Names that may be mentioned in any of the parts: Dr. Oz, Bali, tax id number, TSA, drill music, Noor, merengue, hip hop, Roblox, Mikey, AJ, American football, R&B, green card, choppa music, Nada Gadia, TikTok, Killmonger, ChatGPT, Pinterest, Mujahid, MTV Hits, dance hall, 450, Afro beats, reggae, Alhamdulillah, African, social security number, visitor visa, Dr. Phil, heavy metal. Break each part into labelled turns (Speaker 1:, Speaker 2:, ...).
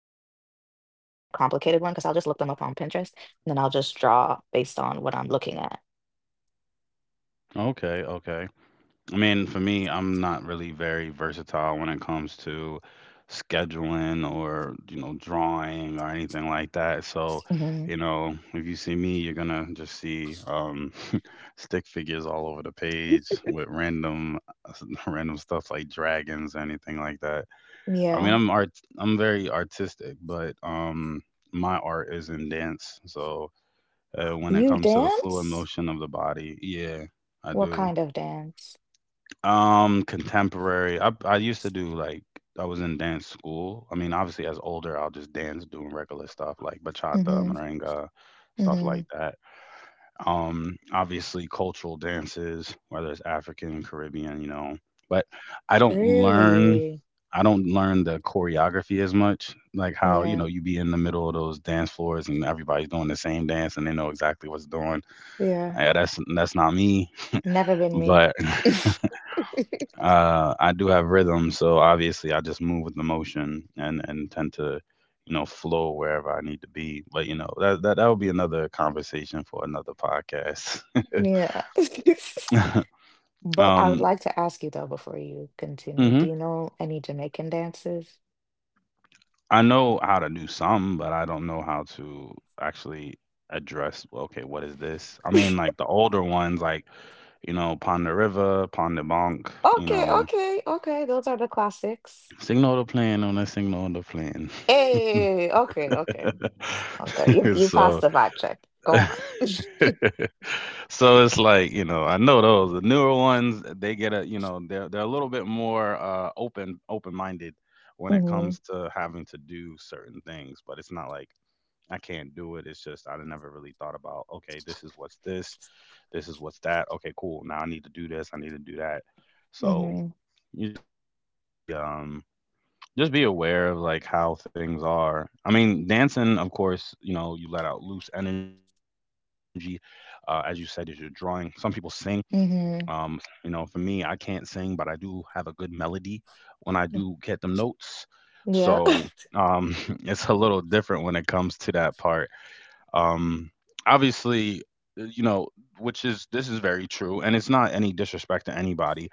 Speaker 1: complicated one, because I'll just look them up on Pinterest and then I'll just draw based on what I'm looking at.
Speaker 2: Okay. Okay. I mean, for me, I'm not really very versatile when it comes to scheduling or, you know, drawing or anything like that. So,
Speaker 1: hmm
Speaker 2: you know, if you see me, you're gonna just see stick figures all over the page with random random stuff like dragons or anything like that. I mean,
Speaker 1: Yeah.
Speaker 2: I'm very artistic, but my art is in dance. So, when it
Speaker 1: You
Speaker 2: comes to the fluid
Speaker 1: dance?
Speaker 2: motion of the body, yeah, I
Speaker 1: What
Speaker 2: do.
Speaker 1: kind of dance?
Speaker 2: Contemporary. I used to do like I was in dance school. I mean, obviously as older, I'll just dance doing regular stuff like bachata,
Speaker 1: hmm
Speaker 2: merengue, stuff
Speaker 1: hmm
Speaker 2: like that. Obviously cultural dances, whether it's African, Caribbean, you know. But I don't learn
Speaker 1: Really?
Speaker 2: I don't learn the choreography as much, like how, you
Speaker 1: Yeah.
Speaker 2: know, you be in the middle of those dance floors and everybody's doing the same dance and they know exactly what's doing.
Speaker 1: Yeah.
Speaker 2: Yeah, that's not me,
Speaker 1: Never been me.
Speaker 2: but I do have rhythm, so obviously I just move with the motion and tend to, you know, flow wherever I need to be. But you know, that would be another conversation for another podcast.
Speaker 1: Yeah. But I would
Speaker 2: um,
Speaker 1: like to ask you, though, before you continue, do
Speaker 2: hmm,
Speaker 1: you know any Jamaican dances?
Speaker 2: I know how to do some, but I don't know how to actually address. Well, okay, what is this? I mean, like the older ones, like you know, Pond the River, Pond the Bonk, you
Speaker 1: Okay,
Speaker 2: know,
Speaker 1: okay, okay. Those are the classics.
Speaker 2: signal the plan on a signal the plan.
Speaker 1: Hey, okay, okay, okay. You you passed
Speaker 2: So.
Speaker 1: the vibe check. Go on.
Speaker 2: So it's like, you know, I know those. The newer ones, they get a, you know, they're a little bit more open-minded when it
Speaker 1: Mhm.
Speaker 2: comes to having to do certain things, but it's not like I can't do it. It's just I never really thought about, okay, this is what's this, this is what's that. Okay, cool. Now I need to do this, I need to do that. So
Speaker 1: Mhm.
Speaker 2: you just gotta be just be aware of like how things are. I mean, dancing, of course, you know, you let out loose energy as you said, is your drawing. Some people sing,
Speaker 1: Mhm.
Speaker 2: you know, for me, I can't sing, but I do have a good melody when I do get them notes.
Speaker 1: Yeah.
Speaker 2: So um, it's a little different when it comes to that part. Um, obviously, you know, which is this is very true, and it's not any disrespect to anybody.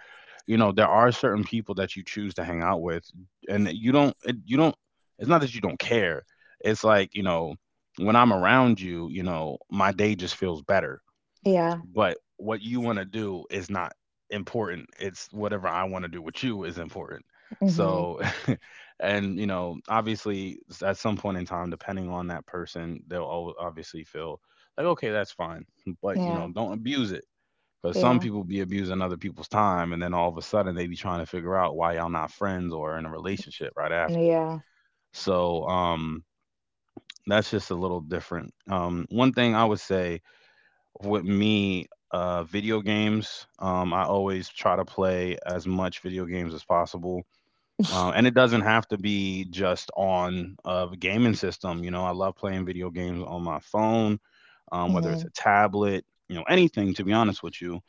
Speaker 2: You know, there are certain people that you choose to hang out with, and you don't, it, you don't. It's not that you don't care. It's like you know, when I'm around you, you know, my day just feels better,
Speaker 1: Yeah.
Speaker 2: but what you want to do is not important, it's whatever I want to do with you is important.
Speaker 1: Mhm.
Speaker 2: So and you know obviously at some point in time depending on that person, they'll obviously feel like okay, that's fine, but you know,
Speaker 1: Yeah.
Speaker 2: don't abuse it, because some
Speaker 1: Yeah.
Speaker 2: people be abusing other people's time and then all of a sudden they be trying to figure out why y'all not friends or in a relationship right after.
Speaker 1: Yeah.
Speaker 2: So that's just a little different. One thing I would say with me, video games. I always try to play as much video games as possible, and it doesn't have to be just on a gaming system. You know, I love playing video games on my phone, whether it's
Speaker 1: Mhm.
Speaker 2: a tablet, you know, anything. To be honest with you,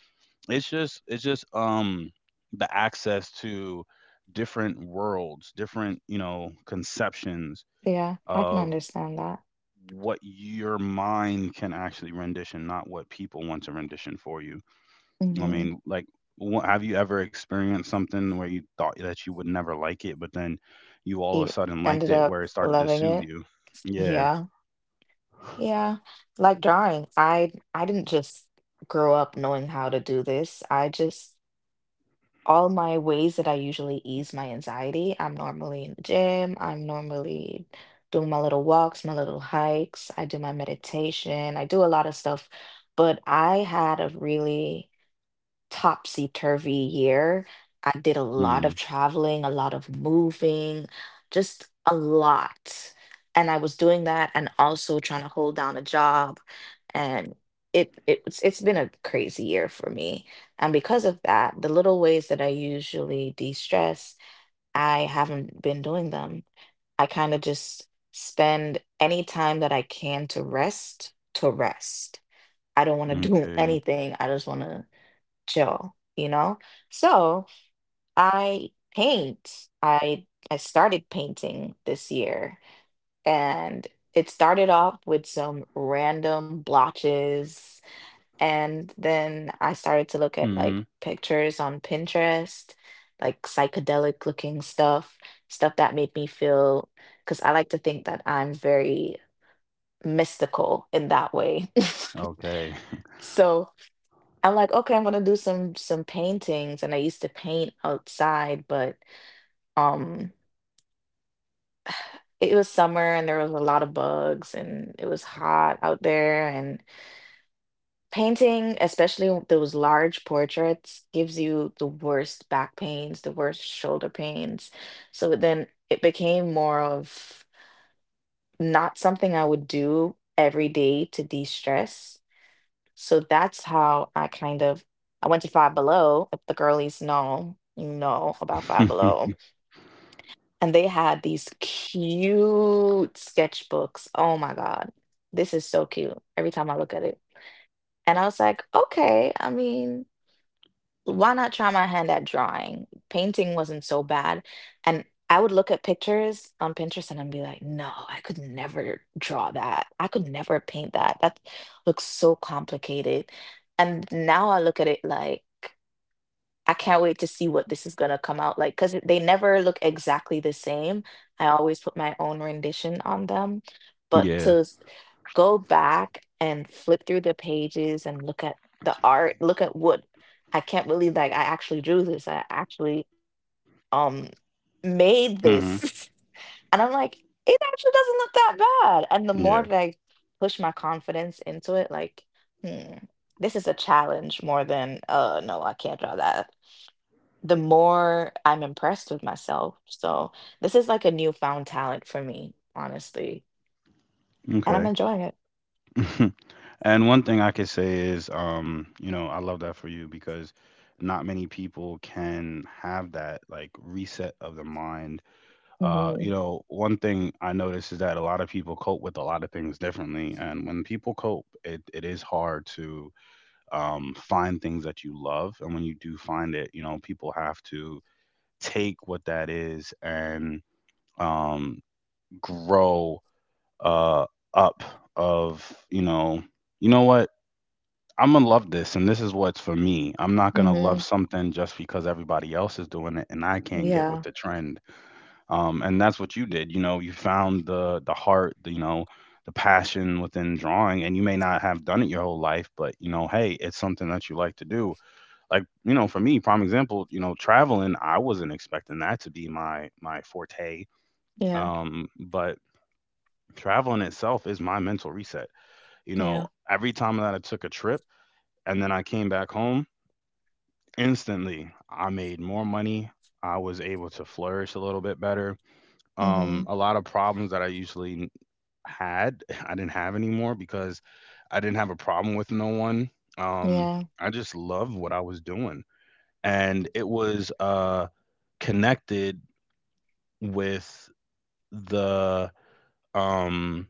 Speaker 2: it's just the access to different worlds, different, you know, conceptions
Speaker 1: Yeah. I can
Speaker 2: of
Speaker 1: understand that.
Speaker 2: what your mind can actually rendition, not what people want to rendition for you. I
Speaker 1: Mhm.
Speaker 2: mean, like, have you ever experienced something where you thought that you would never like it, but then you all of a
Speaker 1: He
Speaker 2: sudden liked
Speaker 1: ended
Speaker 2: it,
Speaker 1: up
Speaker 2: where it started to
Speaker 1: loving
Speaker 2: soothe
Speaker 1: it.
Speaker 2: you? Yeah.
Speaker 1: Yeah. Yeah. Like drawing. I didn't just grow up knowing how to do this. I just, all my ways that I usually ease my anxiety, I'm normally in the gym, I'm normally doing my little walks, my little hikes, I do my meditation, I do a lot of stuff. But I had a really topsy-turvy year. I did a lot of
Speaker 2: Mm.
Speaker 1: traveling, a lot of moving, just a lot. And I was doing that and also trying to hold down a job. And it was it's been a crazy year for me. And because of that, the little ways that I usually de-stress, I haven't been doing them. I kind of just spend any time that I can to rest, to rest. I don't want to do
Speaker 2: Okay.
Speaker 1: anything. I just want to chill, you know? So I paint. I started painting this year, and it started off with some random blotches, and then I started to look at like
Speaker 2: Hmm.
Speaker 1: pictures on Pinterest, like psychedelic looking stuff, stuff that made me feel, because I like to think that I'm very mystical in that way.
Speaker 2: Okay.
Speaker 1: So I'm like, okay, I'm gonna do some paintings, and I used to paint outside, but um, it was summer and there was a lot of bugs and it was hot out there. And painting, especially those large portraits, gives you the worst back pains, the worst shoulder pains. So then it became more of not something I would do every day to de-stress. So that's how I kind of, I went to Five Below. If the girlies know, you know about Five Below. And they had these cute sketchbooks. Oh my God. This is so cute. Every time I look at it. And I was like, okay, I mean, why not try my hand at drawing? Painting wasn't so bad, and I would look at pictures on Pinterest and I'd be like, "No, I could never draw that. I could never paint that. That looks so complicated." And now I look at it like I can't wait to see what this is gonna come out like, because they never look exactly the same. I always put my own rendition on them, but
Speaker 2: Yeah.
Speaker 1: to go back and flip through the pages and look at the art, look at what, I can't believe like I actually drew this. I actually um made
Speaker 2: Hmm.
Speaker 1: this. And I'm like, it actually doesn't look that bad. And the more
Speaker 2: Yeah.
Speaker 1: that I push my confidence into it, like, hmm, this is a challenge more than no, I can't draw that, the more I'm impressed with myself. So this is like a newfound talent for me, honestly, and I'm
Speaker 2: Okay.
Speaker 1: enjoying it.
Speaker 2: and one thing I could say is, you know, I love that for you because not many people can have that like reset of the mind. You
Speaker 1: Mm-hmm.
Speaker 2: know, one thing I notice is that a lot of people cope with a lot of things differently. And when people cope, it is hard to find things that you love. And when you do find it, you know, people have to take what that is and um, grow uh, up of, you know what? I'm gonna love this, and this is what's for me. I'm not gonna love
Speaker 1: Mm-hmm.
Speaker 2: something just because everybody else is doing it, and I can't get with
Speaker 1: Yeah.
Speaker 2: the trend. And that's what you did. You know, you found the heart, the, you know, the passion within drawing, and you may not have done it your whole life, but you know, hey, it's something that you like to do. Like, you know, for me, prime example, you know, traveling, I wasn't expecting that to be my forte,
Speaker 1: Yeah.
Speaker 2: but traveling itself is my mental reset. You
Speaker 1: Yeah.
Speaker 2: know, every time that I took a trip and then I came back home, instantly I made more money. I was able to flourish a little bit better.
Speaker 1: Mm-hmm.
Speaker 2: A lot of problems that I usually had. I didn't have anymore because I didn't have a problem with no one. Um,
Speaker 1: Yeah.
Speaker 2: I just loved what I was doing, and it was connected with the um,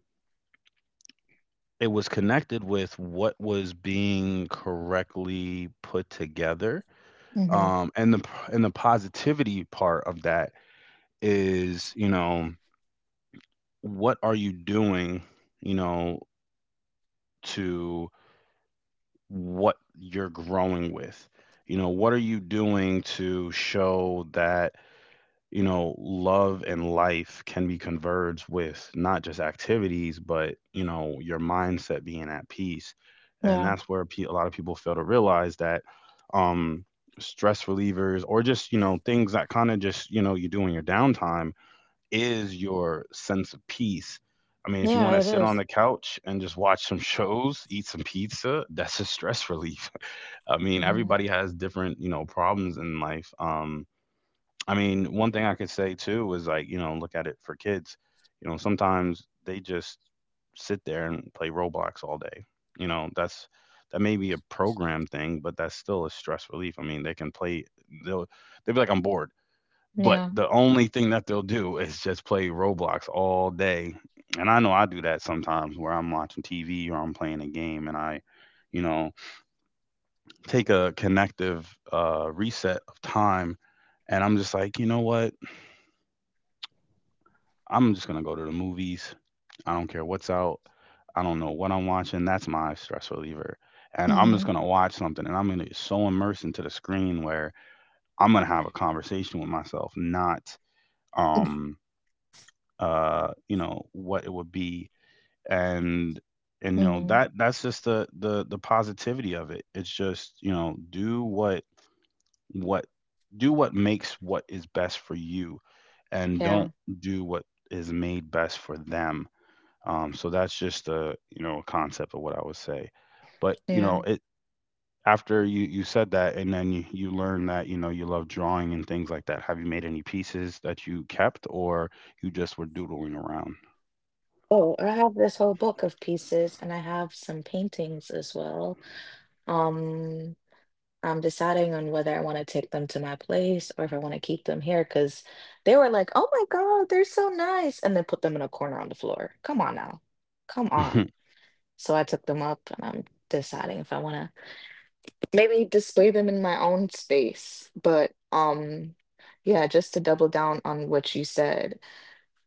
Speaker 2: it was connected with what was being correctly put together.
Speaker 1: Mm-hmm.
Speaker 2: Um, and the and the positivity part of that is, you know, what are you doing, you know, to what you're growing with. You know, what are you doing to show that, you know, love and life can be converged with not just activities, but, you know, your mindset being at peace. And
Speaker 1: Yeah.
Speaker 2: that's where a lot of people fail to realize that um, stress relievers or just, you know, things that kind of just, you know, you do in your downtime is your sense of peace. I mean, if you
Speaker 1: Yeah.
Speaker 2: want to
Speaker 1: It
Speaker 2: sit on
Speaker 1: is.
Speaker 2: the couch and just watch some shows, eat some pizza, that's a stress relief. I mean,
Speaker 1: Mm-hmm.
Speaker 2: everybody has different, you know, problems in life. I mean, one thing I could say too is like, you know, look at it for kids. You know, sometimes they just sit there and play Roblox all day. You know, that's that may be a program thing, but that's still a stress relief. I mean, they can play. They'll they'll be like, I'm bored. But
Speaker 1: Yeah.
Speaker 2: the only thing that they'll do is just play Roblox all day. And I know I do that sometimes where I'm watching TV or I'm playing a game and I, you know, take a connective reset of time. And I'm just like, you know what? I'm just gonna go to the movies. I don't care what's out. I don't know what I'm watching. That's my stress reliever. And I'm just
Speaker 1: Mm-hmm.
Speaker 2: gonna watch something, and I'm gonna get so immersed into the screen where I'm gonna have a conversation with myself, not um you know what it would be. And and you know
Speaker 1: Mm-hmm.
Speaker 2: that that's just the the positivity of it. It's just you know do what what do what makes what is best for you and
Speaker 1: Yeah.
Speaker 2: don't do what is made best for them. So that's just a, you know, a concept of what I would say, but you
Speaker 1: Yeah.
Speaker 2: know it, after you said that and then you learn that you know you love drawing and things like that, have you made any pieces that you kept or you just were doodling around?
Speaker 1: Oh, I have this whole book of pieces, and I have some paintings as well. Um, I'm deciding on whether I want to take them to my place or if I want to keep them here, because they were like, oh my God, they're so nice. And then put them in a corner on the floor. Come on now. Come on. So I took them up and I'm deciding if I want to maybe display them in my own space. But yeah, just to double down on what you said,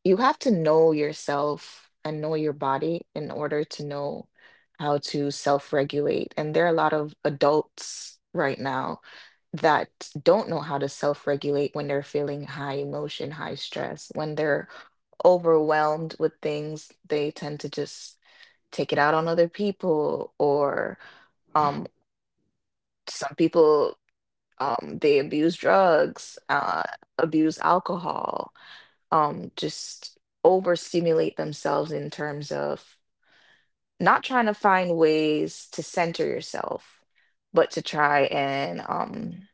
Speaker 1: you have to know yourself and know your body in order to know how to self-regulate. And there are a lot of adults right now that don't know how to self-regulate. When they're feeling high emotion, high stress, when they're overwhelmed with things, they tend to just take it out on other people, or um some people, they abuse drugs, abuse alcohol, just overstimulate themselves in terms of not trying to find ways to center yourself, but to try and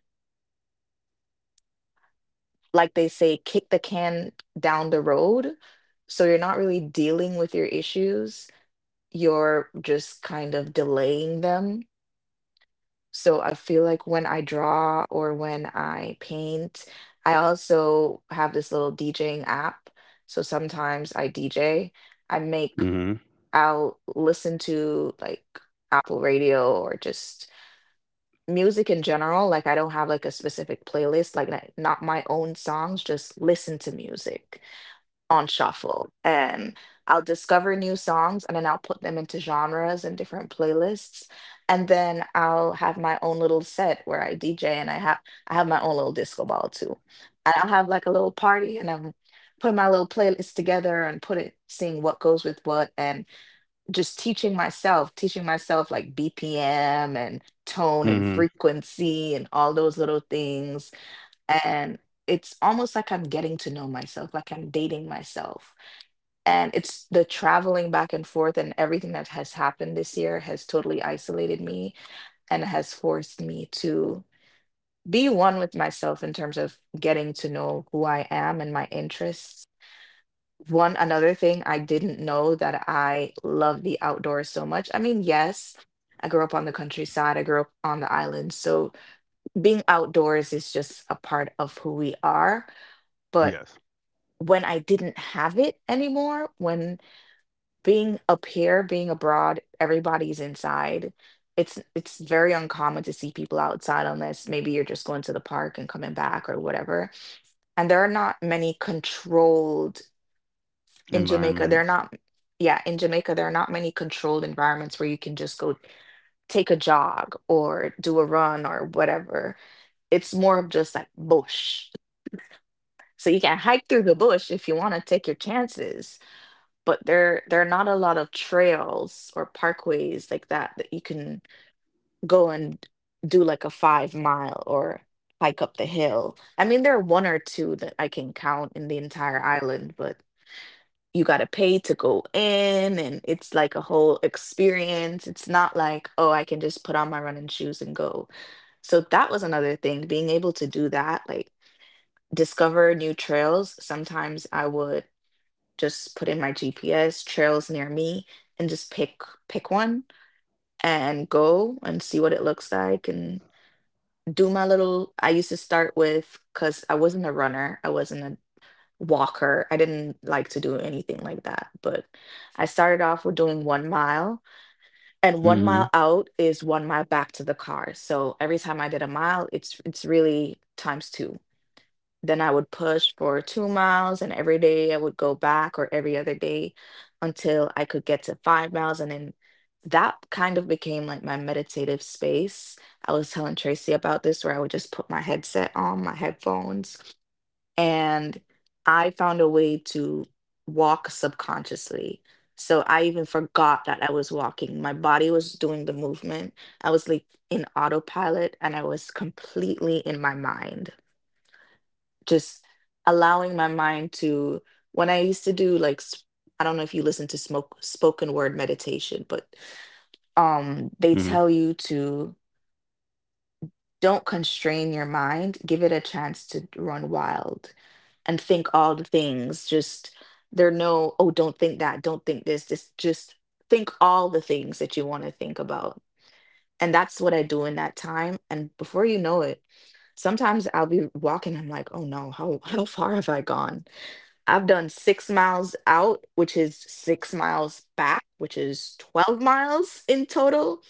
Speaker 1: like they say, kick the can down the road. So you're not really dealing with your issues, you're just kind of delaying them. So I feel like when I draw or when I paint, I also have this little DJing app, so sometimes I DJ. I make
Speaker 2: Mm-hmm.
Speaker 1: I'll listen to like Apple Radio or just music in general. Like I don't have like a specific playlist, like not my own songs, just listen to music on shuffle. And I'll discover new songs and then I'll put them into genres and different playlists. And then I'll have my own little set where I DJ, and I have my own little disco ball too. And I'll have like a little party and I'm putting my little playlist together and put it, seeing what goes with what, and just teaching myself like BPM and tone and
Speaker 2: Mm-hmm.
Speaker 1: frequency and all those little things. And it's almost like I'm getting to know myself, like I'm dating myself. And it's the traveling back and forth and everything that has happened this year has totally isolated me and has forced me to be one with myself in terms of getting to know who I am and my interests. One, another thing, I didn't know that I love the outdoors so much. I mean, yes, I grew up on the countryside, I grew up on the island. So being outdoors is just a part of who we are. But
Speaker 2: Yes,
Speaker 1: when I didn't have it anymore, when being up here, being abroad, everybody's inside. It's very uncommon to see people outside unless maybe you're just going to the park and coming back or whatever. And there are not many controlled, in Jamaica there are
Speaker 2: environments.
Speaker 1: not, yeah, in Jamaica, there are not many controlled environments where you can just go take a jog or do a run or whatever. It's more of just like bush. So you can hike through the bush if you want to take your chances, but there are not a lot of trails or parkways like that that you can go and do, like a 5 mile, or hike up the hill. I mean, there are one or two that I can count in the entire island, but you got to pay to go in and it's like a whole experience. It's not like, oh, I can just put on my running shoes and go. So that was another thing, being able to do that, like discover new trails. Sometimes I would just put in my GPS, trails near me, and just pick one and go and see what it looks like, and do my little, I used to start with, because I wasn't a runner. I wasn't a walker. I didn't like to do anything like that, but I started off with doing 1 mile, and 1 mile
Speaker 2: Mm-hmm.
Speaker 1: out is 1 mile back to the car. So every time I did a mile, it's really times two. Then I would push for 2 miles, and every day I would go back or every other day until I could get to 5 miles, and then that kind of became like my meditative space. I was telling Tracy about this, where I would just put my headset on, my headphones, and I found a way to walk subconsciously. So I even forgot that I was walking. My body was doing the movement. I was like in autopilot and I was completely in my mind, just allowing my mind to. When I used to do like, I don't know if you listen to smoke, spoken word meditation, but
Speaker 2: Mm-hmm.
Speaker 1: they tell you to, don't constrain your mind. Give it a chance to run wild and think all the things. Just there are no, oh, don't think that, don't think this, just think all the things that you want to think about. And that's what I do in that time. And before you know it, sometimes I'll be walking, I'm like, oh no, how far have I gone? I've done 6 miles out, which is 6 miles back, which is 12 miles in total,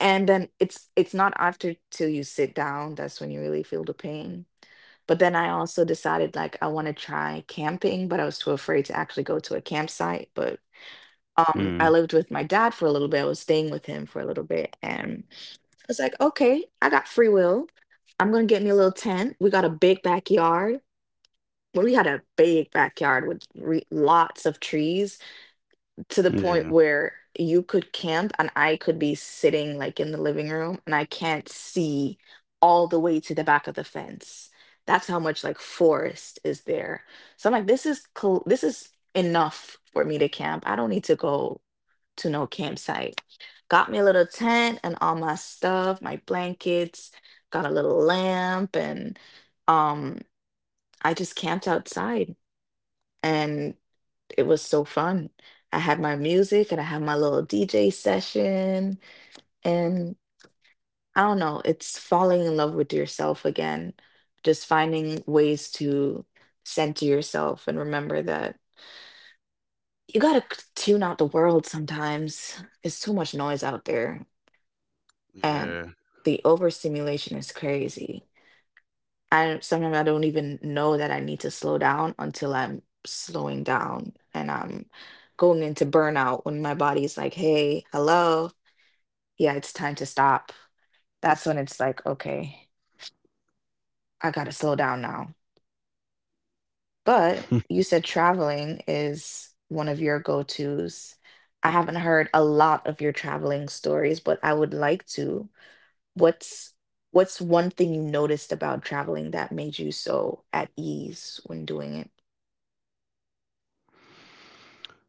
Speaker 1: and then it's not after till you sit down, that's when you really feel the pain. But then I also decided like I want to try camping, but I was too afraid to actually go to a campsite. But I
Speaker 2: Mm,
Speaker 1: lived with my dad for a little bit, I was staying with him for a little bit, and I was like, okay, I got free will, I'm gonna get me a little tent. We got a big backyard. Well, we had a big backyard with lots of trees, to the point
Speaker 2: yeah,
Speaker 1: where you could camp and I could be sitting like in the living room and I can't see all the way to the back of the fence. That's how much like forest is there. So I'm like, this is cool. This is enough for me to camp. I don't need to go to no campsite. Got me a little tent and all my stuff, my blankets, got a little lamp, and um I just camped outside, and it was so fun. I had my music and I had my little DJ session. And I don't know, it's falling in love with yourself again, just finding ways to center yourself and remember that you got to tune out the world sometimes. It's too much noise out there, and
Speaker 2: yeah.
Speaker 1: the overstimulation is crazy. I sometimes I don't even know that I need to slow down until I'm slowing down and I'm going into burnout, when my body's like, hey, hello, yeah, it's time to stop. That's when it's like, okay, I gotta slow down now. But you said traveling is one of your go-tos. I haven't heard a lot of your traveling stories, but I would like to. What's what's one thing you noticed about traveling that made you so at ease when doing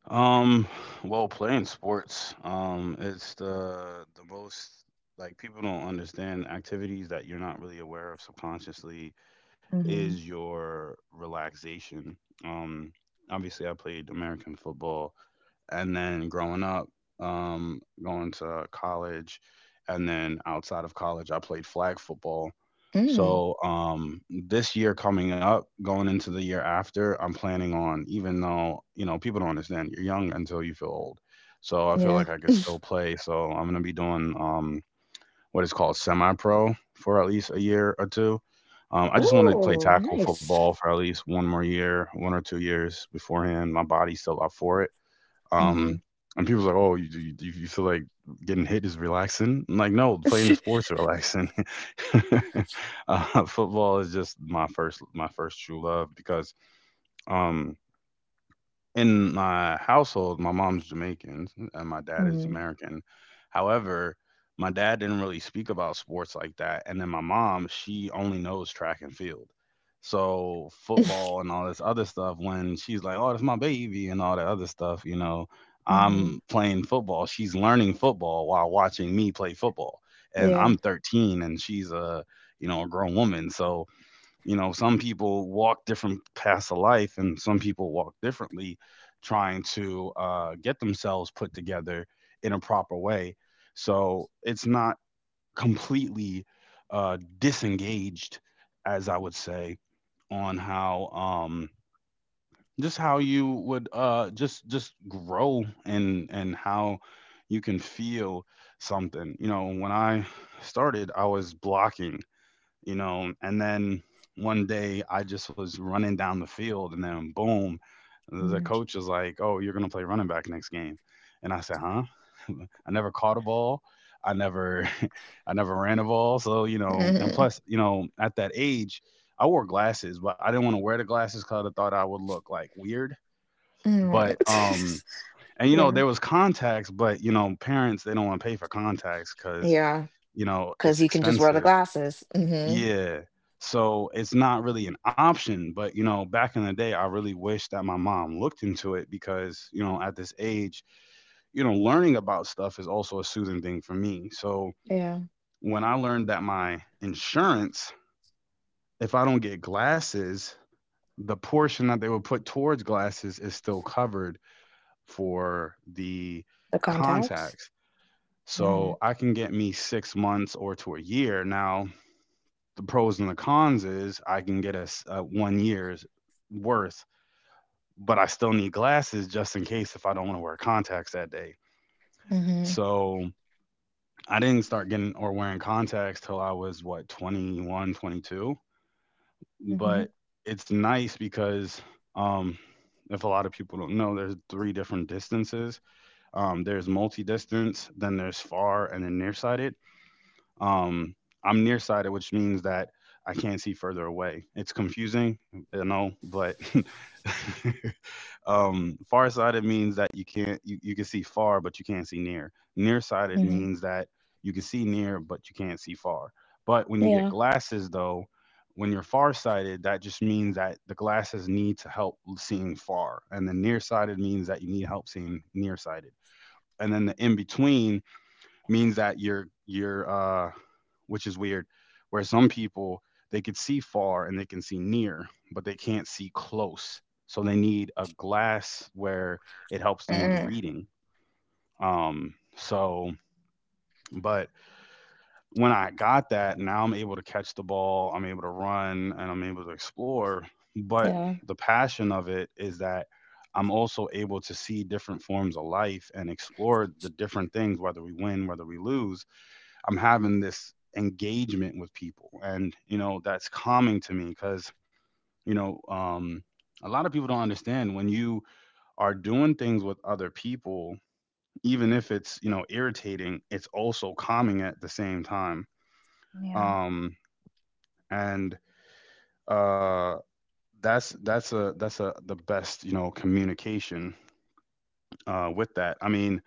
Speaker 2: Um, well, playing sports, it's the most like people don't understand activities that you're not really aware of subconsciously
Speaker 1: it?
Speaker 2: is your relaxation. Um, obviously I played American football and then growing up, going to college and then outside of college I played flag football.
Speaker 1: Mm,
Speaker 2: So this year coming up, going into the year after, I'm planning on, even though, you know, people don't understand you're young until you feel old. So I feel
Speaker 1: yeah.
Speaker 2: like I could still play. So I'm gonna be doing what is called semi pro for at least a year or two. I just want to play
Speaker 1: Oh,
Speaker 2: tackle
Speaker 1: nice.
Speaker 2: football for at least one more year, 1 or 2 years beforehand. My body's still up for it.
Speaker 1: Hmm.
Speaker 2: Um, and people's like, "Oh, you feel like getting hit is relaxing?" I'm like, "No, playing the sports are relaxing." uh, Football is just my first true love because um in my household, my mom's Jamaican and my dad is
Speaker 1: hmm.
Speaker 2: American. However, my dad didn't really speak about sports like that. And then my mom, she only knows track and field. So football and all this other stuff, when she's like, oh, that's my baby and all that other stuff,
Speaker 1: Hmm.
Speaker 2: I'm playing football. She's learning football while watching me play football. And
Speaker 1: Yeah.
Speaker 2: I'm 13 and she's a grown woman. So you know, some people walk different paths of life and some people walk differently, trying to get themselves put together in a proper way, so it's not completely disengaged, as I would say, on how, just how you would just grow and how you can feel something. You know, when I started, I was blocking, you know. And then one day I just was running down the field, and then boom, the
Speaker 1: Mhm.
Speaker 2: coach was like, "Oh, you're gonna play running back next game," and I said, "Huh?" I never caught a ball. I never, I never ran a ball. So, and
Speaker 1: Hmm.
Speaker 2: plus, at that age, I wore glasses, but I didn't want to wear the glasses because I thought I would look like weird.
Speaker 1: Oh.
Speaker 2: But and
Speaker 1: Yeah.
Speaker 2: there was contacts, but parents, they don't want to pay for contacts because
Speaker 1: Yeah, because
Speaker 2: it's
Speaker 1: you can just wear the
Speaker 2: expensive,
Speaker 1: glasses. Hmm.
Speaker 2: yeah. So it's not really an option, but, back in the day, I really wish that my mom looked into it because, at this age, learning about stuff is also a soothing thing for me. So
Speaker 1: Yeah.
Speaker 2: when I learned that my insurance, if I don't get glasses, the portion that they would put towards glasses is still covered for the
Speaker 1: The contacts.
Speaker 2: contacts.
Speaker 1: Mm-hmm.
Speaker 2: So I can get me 6 months or to a year now. The pros and the cons is, I can get a 1 year's worth, but I still need glasses just in case if I don't want to wear contacts that day.
Speaker 1: Mm-hmm.
Speaker 2: So I didn't start getting or wearing contacts till I was, what, 21, 22.
Speaker 1: Hmm.
Speaker 2: But it's nice because, um, if a lot of people don't know, there's three different distances. There's multi distance, then there's far, and then nearsighted. Um, I'm nearsighted, which means that I can't see further away. It's confusing, but farsighted means that you can't you, you can see far, but you can't see near. Nearsighted
Speaker 1: Hmm.
Speaker 2: means that you can see near, but you can't see far. But when you get
Speaker 1: Yeah.
Speaker 2: glasses, though, when you're farsighted, that just means that the glasses need to help seeing far, and the nearsighted means that you need help seeing nearsighted, and then the in between means that you're, which is weird. Where some people, they can see far and they can see near, but they can't see close. So they need a glass where it helps them with
Speaker 1: Mm.
Speaker 2: reading. Um, so, but when I got that, now I'm able to catch the ball, I'm able to run, and I'm able to explore. But
Speaker 1: Yeah.
Speaker 2: the passion of it is that I'm also able to see different forms of life and explore the different things, whether we win, whether we lose. I'm having this engagement with people, and that's calming to me because, you know um, a lot of people don't understand when you are doing things with other people, even if it's, irritating, it's also calming at the same time.
Speaker 1: Yeah,
Speaker 2: Um, and uh, that's a the best communication, with that. I mean,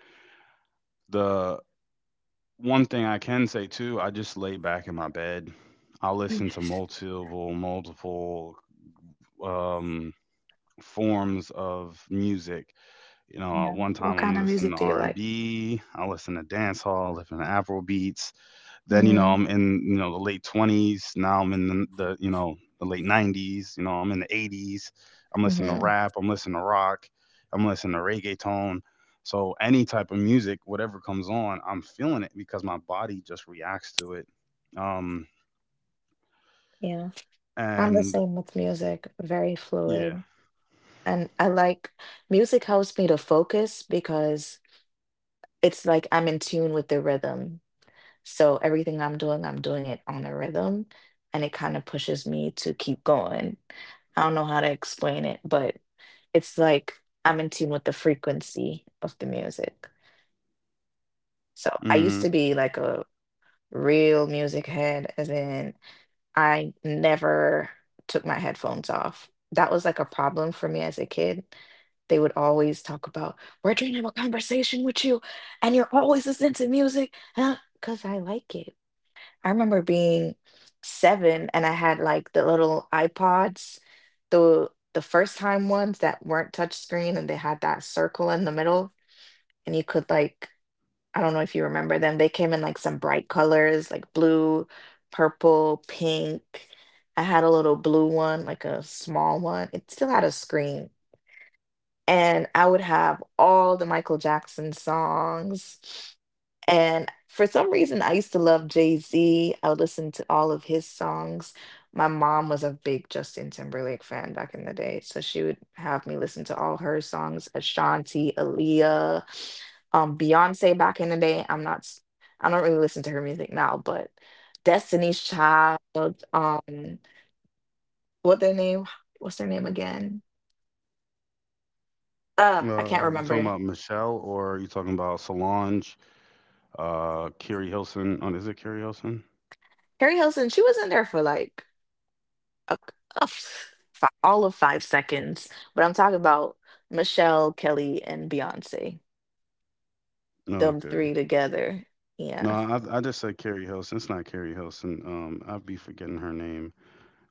Speaker 2: the one thing I can say too, I just lay back in my bed. I'll listen to multiple, multiple um, forms of music.
Speaker 1: yeah.
Speaker 2: One
Speaker 1: What
Speaker 2: time
Speaker 1: kind
Speaker 2: I'm
Speaker 1: of
Speaker 2: listening
Speaker 1: music
Speaker 2: to
Speaker 1: do you like?
Speaker 2: R&B, I listen to dance hall, I listen to Afro beats. Then,
Speaker 1: Mm-hmm.
Speaker 2: I'm in, the late 20s. Now I'm in the the late 90s. I'm in the 80s. I'm listening to
Speaker 1: Mm-hmm.
Speaker 2: rap. I'm listening to rock. I'm listening to reggaeton. So any type of music, whatever comes on, I'm feeling it because my body just reacts to it. Um,
Speaker 1: Yeah. I'm the
Speaker 2: and
Speaker 1: same with music, very
Speaker 2: yeah.
Speaker 1: fluid. And I like, music helps me to focus because it's like I'm in tune with the rhythm. So everything I'm doing it on a rhythm, and it kind of pushes me to keep going. I don't know how to explain it, but it's like I'm in tune with the frequency of the music. So I used
Speaker 2: Mm-hmm.
Speaker 1: to be like a real music head, as in I never took my headphones off. That was like a problem for me as a kid. They would always talk about, we're trying to have a conversation with you, and you're always listening to music, huh? Because I like it. I remember being seven, and I had like the little iPods, the the first time ones that weren't touchscreen and they had that circle in the middle, and you could like, I don't know if you remember them. They came in like some bright colors, like blue, purple, pink. I had a little blue one, like a small one. It still had a screen. And I would have all the Michael Jackson songs. And for some reason, I used to love Jay-Z. I would listen to all of his songs. My mom was a big Justin Timberlake fan back in the day, so she would have me listen to all her songs, Ashanti, Aaliyah, Beyonce back in the day. I'm not, s- I don't really listen to her music now, but Destiny's Child, um, what their name, what's their name again? I can't
Speaker 2: You talking
Speaker 1: remember.
Speaker 2: about Michelle, or you talking about Solange, Carrie Hilson? Oh, is it Carrie Hilson?
Speaker 1: Carrie Hilson, she was in there for like a, all of 5 seconds, but I'm talking about Michelle, Kelly, and Beyonce,
Speaker 2: No,
Speaker 1: them
Speaker 2: okay.
Speaker 1: three together. Yeah,
Speaker 2: No, I just said Carrie Hilson. It's not Carrie Hilson. I'd be forgetting her name.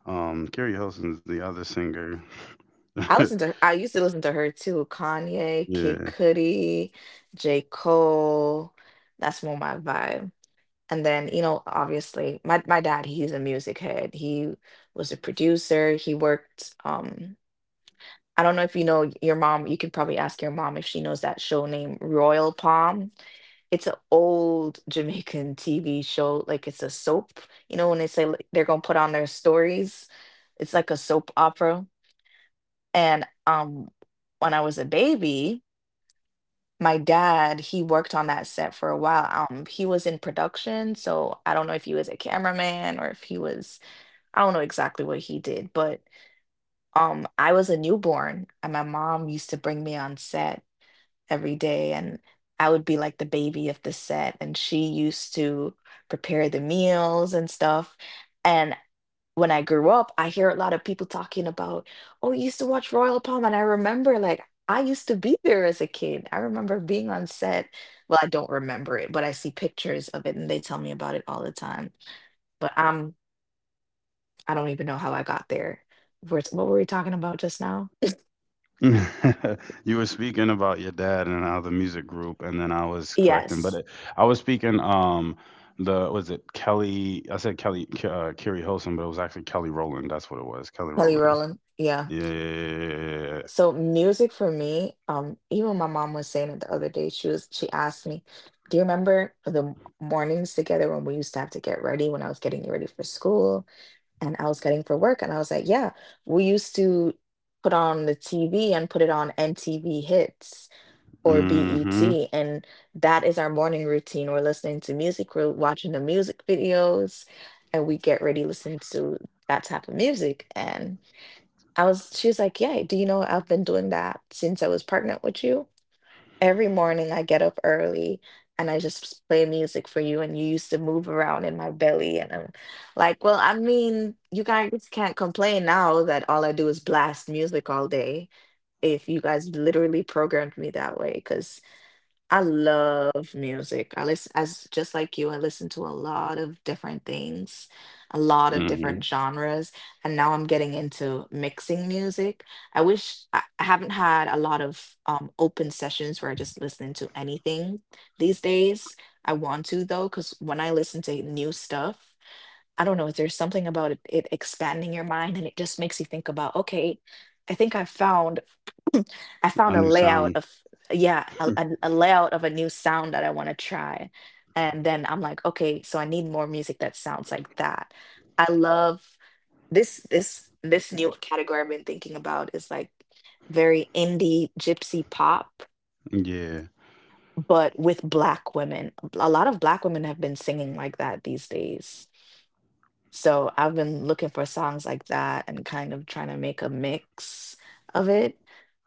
Speaker 2: Carrie Hilson's the other singer.
Speaker 1: I listen to. I used to listen to her too. Kanye, Kid
Speaker 2: Yeah.
Speaker 1: Cudi, J. Cole. That's more my vibe. And then you know, obviously, my dad. He's a music head. He was a producer. He worked. I don't know if you know your mom. You could probably ask your mom if she knows that show named Royal Palm. It's an old Jamaican TV show. Like it's a soap. You know, when they say like, they're gonna put on their stories, it's like a soap opera. And when I was a baby, my dad, he worked on that set for a while. He was in production, so I don't know if he was a cameraman or if he was. I don't know exactly what he did, but I was a newborn, and my mom used to bring me on set every day, and I would be like the baby of the set, and she used to prepare the meals and stuff. And when I grew up, I hear a lot of people talking about, oh, you used to watch Royal Palm. And I remember like I used to be there as a kid. I remember being on set. Well, I don't remember it, but I see pictures of it and they tell me about it all the time. But I'm, I don't even know how I got there. What were we talking about just now?
Speaker 2: You were speaking about your dad and how the music group, and then I was correcting, but
Speaker 1: Yes.
Speaker 2: it, I was speaking, the, was it Kelly? I said Kelly Carrie Hilson, but it was actually Kelly Rowland. That's what it was, Kelly
Speaker 1: Kelly
Speaker 2: Rowland.
Speaker 1: Rowland. Yeah.
Speaker 2: Yeah, yeah, yeah, yeah, yeah, yeah, yeah.
Speaker 1: So music for me, even my mom was saying it the other day. She asked me, "Do you remember the mornings together when we used to have to get ready, when I was getting you ready for school and I was getting for work?" And I was like, "Yeah, we used to put on the TV and put it on MTV Hits or
Speaker 2: Mhm.
Speaker 1: BET, and that is our morning routine. We're listening to music, we're watching the music videos, and we get ready to listen to that type of music." and." I was, she was like, yeah, do you know I've been doing that since I was pregnant with you? Every morning I get up early and I just play music for you, and you used to move around in my belly. And I'm like, well, I mean, you guys can't complain now that all I do is blast music all day if you guys literally programmed me that way. Because. I love music. I listen, as just like you, I listen to a lot of different things, a lot of different
Speaker 2: Mhm.
Speaker 1: genres, and now I'm getting into mixing music. I wish I haven't had a lot of open sessions where I just listen to anything these days. I want to though, because when I listen to new stuff, I don't know if there's something about it, it expanding your mind and it just makes you think about, okay, I think I found I
Speaker 2: A
Speaker 1: found a
Speaker 2: new
Speaker 1: layout
Speaker 2: sound.
Speaker 1: of, yeah, a layout of a new sound that I want to try. And then I'm like, okay, so I need more music that sounds like that. I love this new category I've been thinking about is like very indie gypsy pop,
Speaker 2: Yeah.
Speaker 1: but with black women. A lot of black women have been singing like that these days. So I've been looking for songs like that and kind of trying to make a mix of it.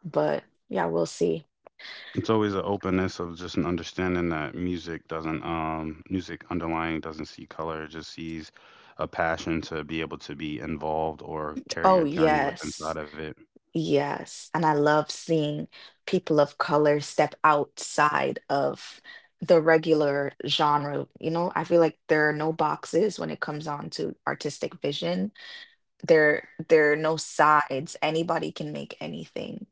Speaker 1: But yeah, we'll see.
Speaker 2: It's always an openness of just an understanding that music doesn't, music underlying doesn't see color, it just sees a passion to be able to be involved or
Speaker 1: Oh,
Speaker 2: carry a journey with
Speaker 1: yes.
Speaker 2: inside of it.
Speaker 1: Yes. And I love seeing people of color step outside of the regular genre. You know, I feel like there are no boxes when it comes on to artistic vision. There are no sides. Anybody can make anything.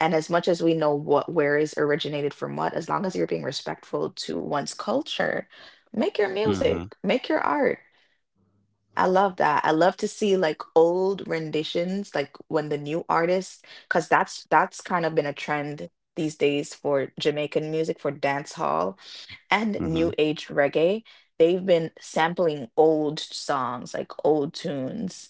Speaker 1: And as much as we know what where is originated from what, as long as you're being respectful to one's culture, make your music,
Speaker 2: Mhm.
Speaker 1: make your art. I love that. I love to see like old renditions, like when the new artists, because that's kind of been a trend these days for Jamaican music, for dance hall and new
Speaker 2: Mhm.
Speaker 1: age reggae. They've been sampling old songs, like old tunes,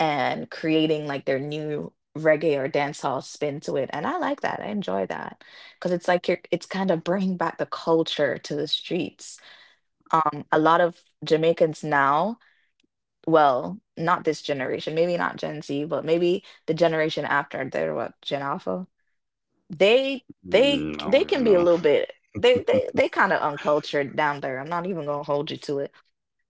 Speaker 1: and creating like their new reggae or dance hall spin to it. And I like that. I enjoy that because it's like you're, it's kind of bringing back the culture to the streets. A lot of Jamaicans now, well, not this generation, maybe not Gen Z, but maybe the generation after, they're what, Gen Alpha. They
Speaker 2: Mm, I
Speaker 1: they
Speaker 2: don't
Speaker 1: can
Speaker 2: even
Speaker 1: be a
Speaker 2: know.
Speaker 1: little bit, they kind of uncultured down there. I'm not even gonna hold you to it.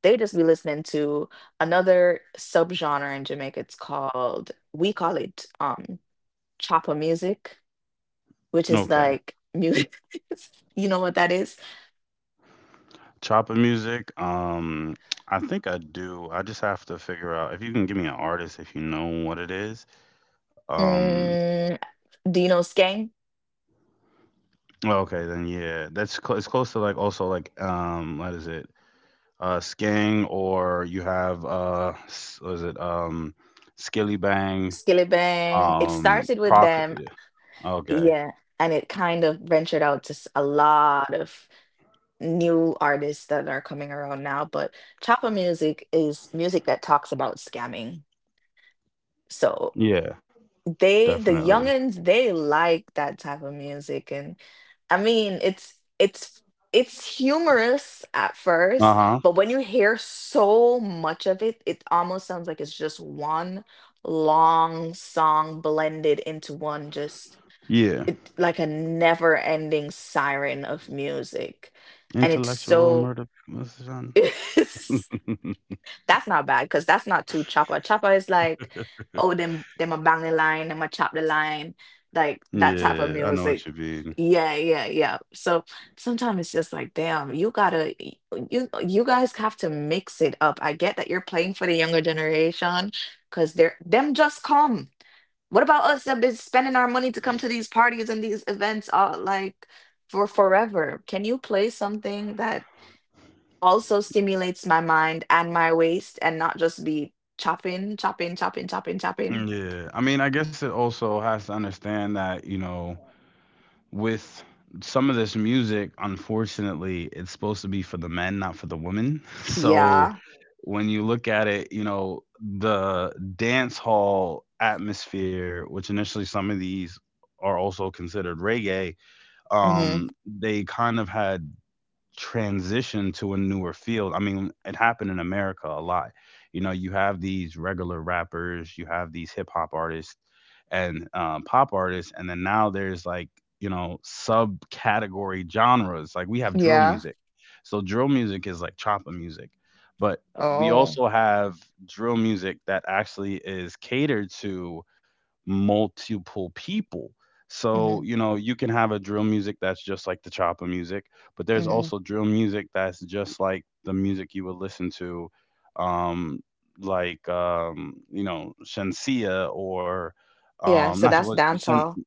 Speaker 1: They just be listening to another subgenre in Jamaica. It's called, we call it chopper music, which is
Speaker 2: Okay.
Speaker 1: like music. you know what that is?
Speaker 2: Chopper music. I think I do. I just have to figure out if you can give me an artist if you know what it is. Um
Speaker 1: Mm, do you know skang?
Speaker 2: Oh, okay, then yeah, that's it's close to, like, also like, what is it, Skang, or you have, what is it, Skilly Bang,
Speaker 1: Skilly bang. It started with
Speaker 2: Proc,
Speaker 1: them.
Speaker 2: yeah, okay.
Speaker 1: Yeah, and it kind of ventured out to a lot of new artists that are coming around now, but chapa music is music that talks about scamming. So
Speaker 2: Yeah,
Speaker 1: they, the
Speaker 2: definitely.
Speaker 1: youngins, they like that type of music, and I mean, it's humorous at
Speaker 2: Uh
Speaker 1: first,
Speaker 2: huh.
Speaker 1: but when you hear so much of it, it almost sounds like it's just one long song blended into one, just
Speaker 2: Yeah,
Speaker 1: it, like a never ending siren of music. And it's
Speaker 2: intellectual
Speaker 1: so,
Speaker 2: murder, what's the genre?
Speaker 1: it's that's not bad because that's not too chopper. Chopper is like, oh them them a bang the line, them a chop the line, like that type of
Speaker 2: Yeah, I know what
Speaker 1: music.
Speaker 2: you mean.
Speaker 1: Yeah, yeah, yeah. So sometimes it's just like, damn, you gotta you guys have to mix it up. I get that you're playing for the younger generation because they're them just come. What about us that been spending our money to come to these parties and these events all like for forever? Can you play something that also stimulates my mind and my waist and not just be chopping, chopping, chopping, chopping, chopping?
Speaker 2: Yeah, I mean, I guess it also has to understand that, with some of this music, unfortunately, it's supposed to be for the men, not for the women. So
Speaker 1: Yeah.
Speaker 2: when you look at it, the dance hall atmosphere, which initially some of these are also considered reggae,
Speaker 1: Mm-hmm.
Speaker 2: um, they kind of had transition to a newer field. I mean, it happened in America a lot. You have these regular rappers, you have these hip hop artists and, pop artists, and then now there's, like, subcategory genres. Like, we have drill
Speaker 1: Yeah.
Speaker 2: music. So drill music is like choppa music, but we
Speaker 1: Oh.
Speaker 2: also have drill music that actually is catered to multiple people.
Speaker 1: Mm-hmm.
Speaker 2: So, you can have a drill music that's just like the chopper music, but there's
Speaker 1: Mm-hmm.
Speaker 2: also drill music that's just like the music you would listen to, um, like, Shensia or,
Speaker 1: Yeah. So
Speaker 2: not,
Speaker 1: that's
Speaker 2: what,
Speaker 1: dance hall.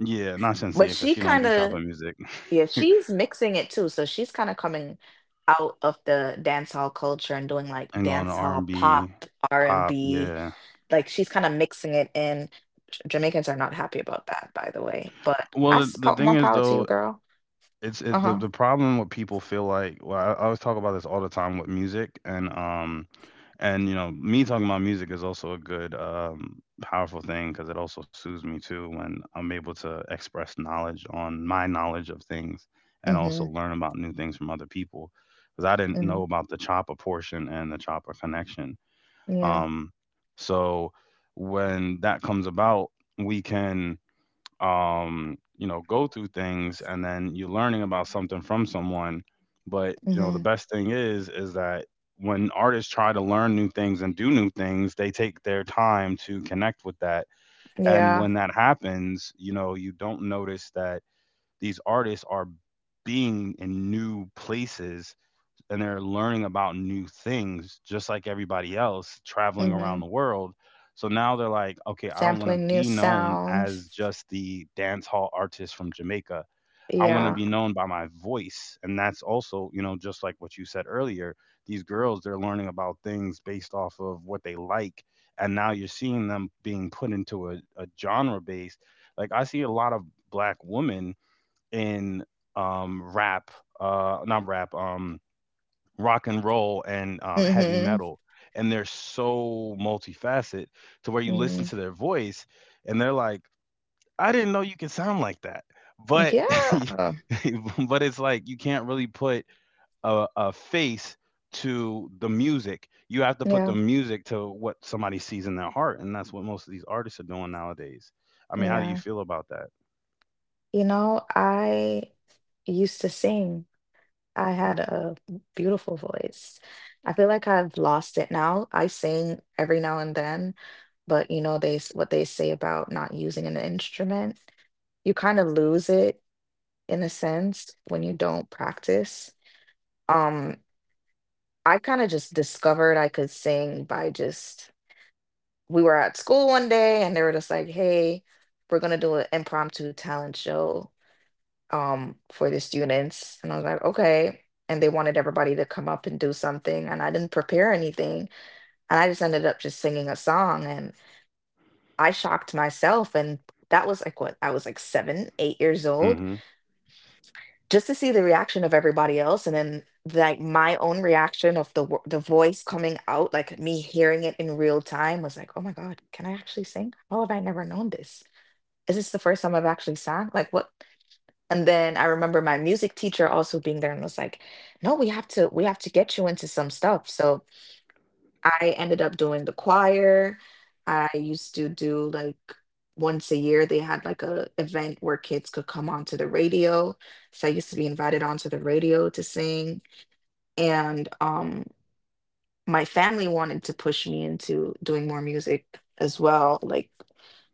Speaker 2: yeah, not Shensia
Speaker 1: But
Speaker 2: because
Speaker 1: she
Speaker 2: she don't
Speaker 1: kind
Speaker 2: do
Speaker 1: of.
Speaker 2: chopper music.
Speaker 1: Yeah, she's mixing it too. So she's kind of coming out of the dance hall culture and doing like
Speaker 2: And going to
Speaker 1: dance hall pop,
Speaker 2: R&B, pop,
Speaker 1: R&B.
Speaker 2: yeah.
Speaker 1: Like she's kind of mixing it in. Jamaicans are not happy about that, by the way. But
Speaker 2: Well, the thing
Speaker 1: more
Speaker 2: is,
Speaker 1: power to you,
Speaker 2: though,
Speaker 1: girl.
Speaker 2: the
Speaker 1: Uh-huh.
Speaker 2: the problem what people feel like. Well, I always talk about this all the time with music, and, and, me talking about music is also a good, powerful thing because it also soothes me too when I'm able to express knowledge on my knowledge of things and also
Speaker 1: Mm-hmm.
Speaker 2: learn about new things from other people. Because I didn't
Speaker 1: Mm-hmm.
Speaker 2: know about the chopper portion and the chopper connection.
Speaker 1: Yeah.
Speaker 2: Um, so when that comes about, we can, go through things and then you're learning about something from someone. But, the
Speaker 1: Mm-hmm.
Speaker 2: best thing is that when artists try to learn new things and do new things, they take their time to connect with that. And
Speaker 1: Yeah.
Speaker 2: when that happens, you don't notice that these artists are being in new places and they're learning about new things just like everybody else traveling
Speaker 1: Mm-hmm.
Speaker 2: around the world. So now they're like, okay, I don't want to
Speaker 1: Sampling new
Speaker 2: be known
Speaker 1: sounds.
Speaker 2: as just the dance hall artist from Jamaica. I want to
Speaker 1: Yeah.
Speaker 2: be known by my voice. And that's also, just like what you said earlier, these girls, they're learning about things based off of what they like. And now you're seeing them being put into a genre base. Like I see a lot of black women in rap, not rap, rock and roll and heavy
Speaker 1: Mm-hmm.
Speaker 2: metal, and they're so multifaceted to where you listen
Speaker 1: Mm-hmm.
Speaker 2: to their voice and they're like, "I didn't know you could sound like that." But
Speaker 1: Yeah.
Speaker 2: but it's like, you can't really put a face to the music. You have to put the
Speaker 1: Yeah.
Speaker 2: music to what somebody sees in their heart, and that's what most of these artists are doing nowadays. I mean, how do you
Speaker 1: Yeah.
Speaker 2: feel about that?
Speaker 1: You know, I used to sing. I had a beautiful voice. I feel like I've lost it now. I sing every now and then, but you know what they say about not using an instrument. You kind of lose it in a sense when you don't practice. Um, I kind of just discovered I could sing by just, we were at school one day and they were just like, "Hey, we're gonna do an impromptu talent show," for the students, and I was like, okay, and they wanted everybody to come up and do something, and I didn't prepare anything, and I just ended up just singing a song, and I shocked myself. And that was like, what, I was like 7 8 years old,
Speaker 2: Hmm.
Speaker 1: just to see the reaction of everybody else. And then like my own reaction of the the voice coming out, like me hearing it in real time, was like, oh my God, can I actually sing? How have I never known this? Is this the first time I've actually sang? Like, what? And then I remember my music teacher also being there and was like, "No, we have to get you into some stuff." So I ended up doing the choir. I used to do, like, once a year they had like a event where kids could come onto the radio. So I used to be invited onto the radio to sing. And my family wanted to push me into doing more music as well. Like,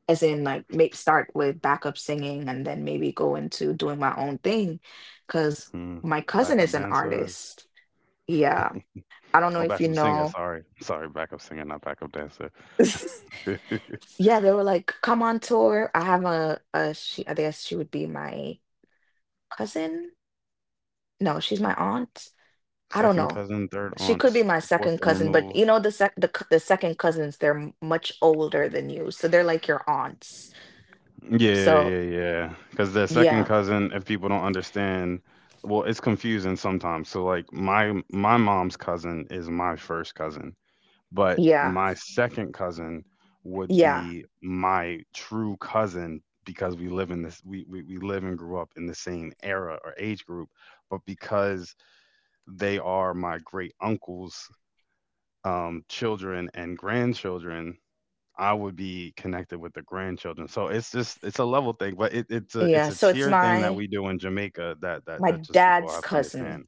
Speaker 1: as in, like, may start with backup singing and then maybe go into doing my own thing because
Speaker 2: Mm.
Speaker 1: my cousin
Speaker 2: Backup
Speaker 1: is an
Speaker 2: dancers.
Speaker 1: artist. Yeah, I don't know
Speaker 2: Oh,
Speaker 1: if you
Speaker 2: backup singer,
Speaker 1: know.
Speaker 2: sorry, backup singer, not backup dancer.
Speaker 1: Yeah, they were like, come on tour. I have a she, I guess she would be my cousin. No, she's my aunt. I don't
Speaker 2: Second
Speaker 1: know.
Speaker 2: cousin, third
Speaker 1: She could be
Speaker 2: aunts,
Speaker 1: my
Speaker 2: fourth
Speaker 1: second
Speaker 2: to
Speaker 1: cousin, but
Speaker 2: remove.
Speaker 1: you know the the second cousins, they're much older than you, so they're like your aunts.
Speaker 2: Yeah,
Speaker 1: So
Speaker 2: yeah, yeah. Because the second
Speaker 1: yeah,
Speaker 2: cousin, if people don't understand, well, it's confusing sometimes. So like my mom's cousin is my first cousin, but
Speaker 1: yeah,
Speaker 2: my second cousin would
Speaker 1: yeah,
Speaker 2: be my true cousin because we live in this we live and grew up in the same era or age group, but because they are my great uncle's children and grandchildren, I would be connected with the grandchildren. So it's just it's a level thing, but it, it's a it's
Speaker 1: yeah.
Speaker 2: a
Speaker 1: So it's
Speaker 2: tier thing that
Speaker 1: my
Speaker 2: we do in Jamaica that
Speaker 1: my
Speaker 2: just people
Speaker 1: dad's
Speaker 2: have to
Speaker 1: cousin.
Speaker 2: understand.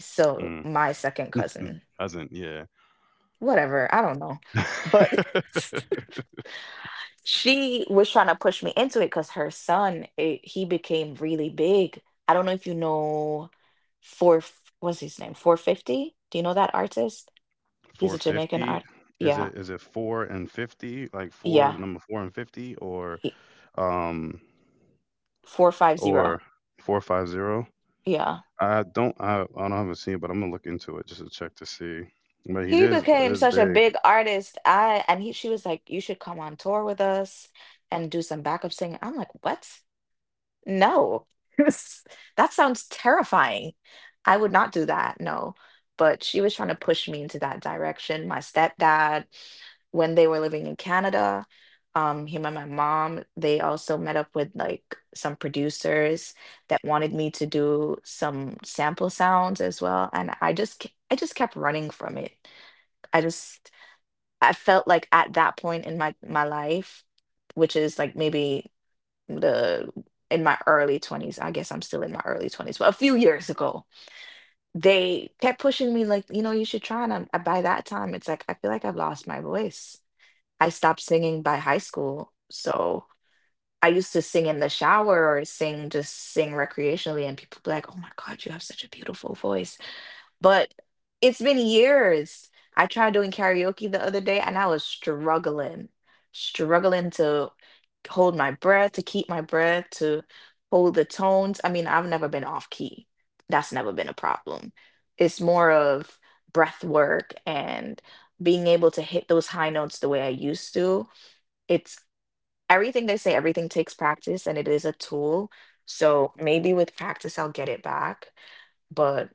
Speaker 1: So
Speaker 2: Mm,
Speaker 1: my second cousin,
Speaker 2: doesn't yeah.
Speaker 1: whatever, I don't know. But she was trying to push me into it because her son, he became really big. I don't know if you know, four, what's his name? 450? Do you know that artist? He's a Jamaican
Speaker 2: 450,
Speaker 1: art. Yeah.
Speaker 2: is it 4 and 50, like 4
Speaker 1: Yeah.
Speaker 2: number 4 and 50,
Speaker 1: He,
Speaker 2: um
Speaker 1: 450.
Speaker 2: or 450?
Speaker 1: Yeah.
Speaker 2: I don't have a scene, but I'm gonna look into it just to check to see. But he
Speaker 1: He
Speaker 2: is
Speaker 1: became
Speaker 2: is
Speaker 1: such a
Speaker 2: big.
Speaker 1: big artist. I and he She was like, you should come on tour with us and do some backup singing. I'm like, what? No. That sounds terrifying. I would not do that, no. But she was trying to push me into that direction. My stepdad, when they were living in Canada, him and my mom, they also met up with like some producers that wanted me to do some sample sounds as well. And I just kept running from it. I just I felt like at that point in my life, which is like maybe the in my early 20s. I guess I'm still in my early 20s, but a few years ago, they kept pushing me like, you know, you should try, and by that time it's like, I feel like I've lost my voice. I stopped singing by high school. So I used to sing in the shower or sing, just sing recreationally, and people be like, "Oh my God, you have such a beautiful voice." But it's been years. I tried doing karaoke the other day, and I was struggling, struggling to hold my breath, to keep my breath, to hold the tones. I mean, I've never been off key. That's never been a problem. It's more of breath work and being able to hit those high notes the way I used to. It's, everything they say, everything takes practice, and it is a tool. So maybe with practice, I'll get it back. But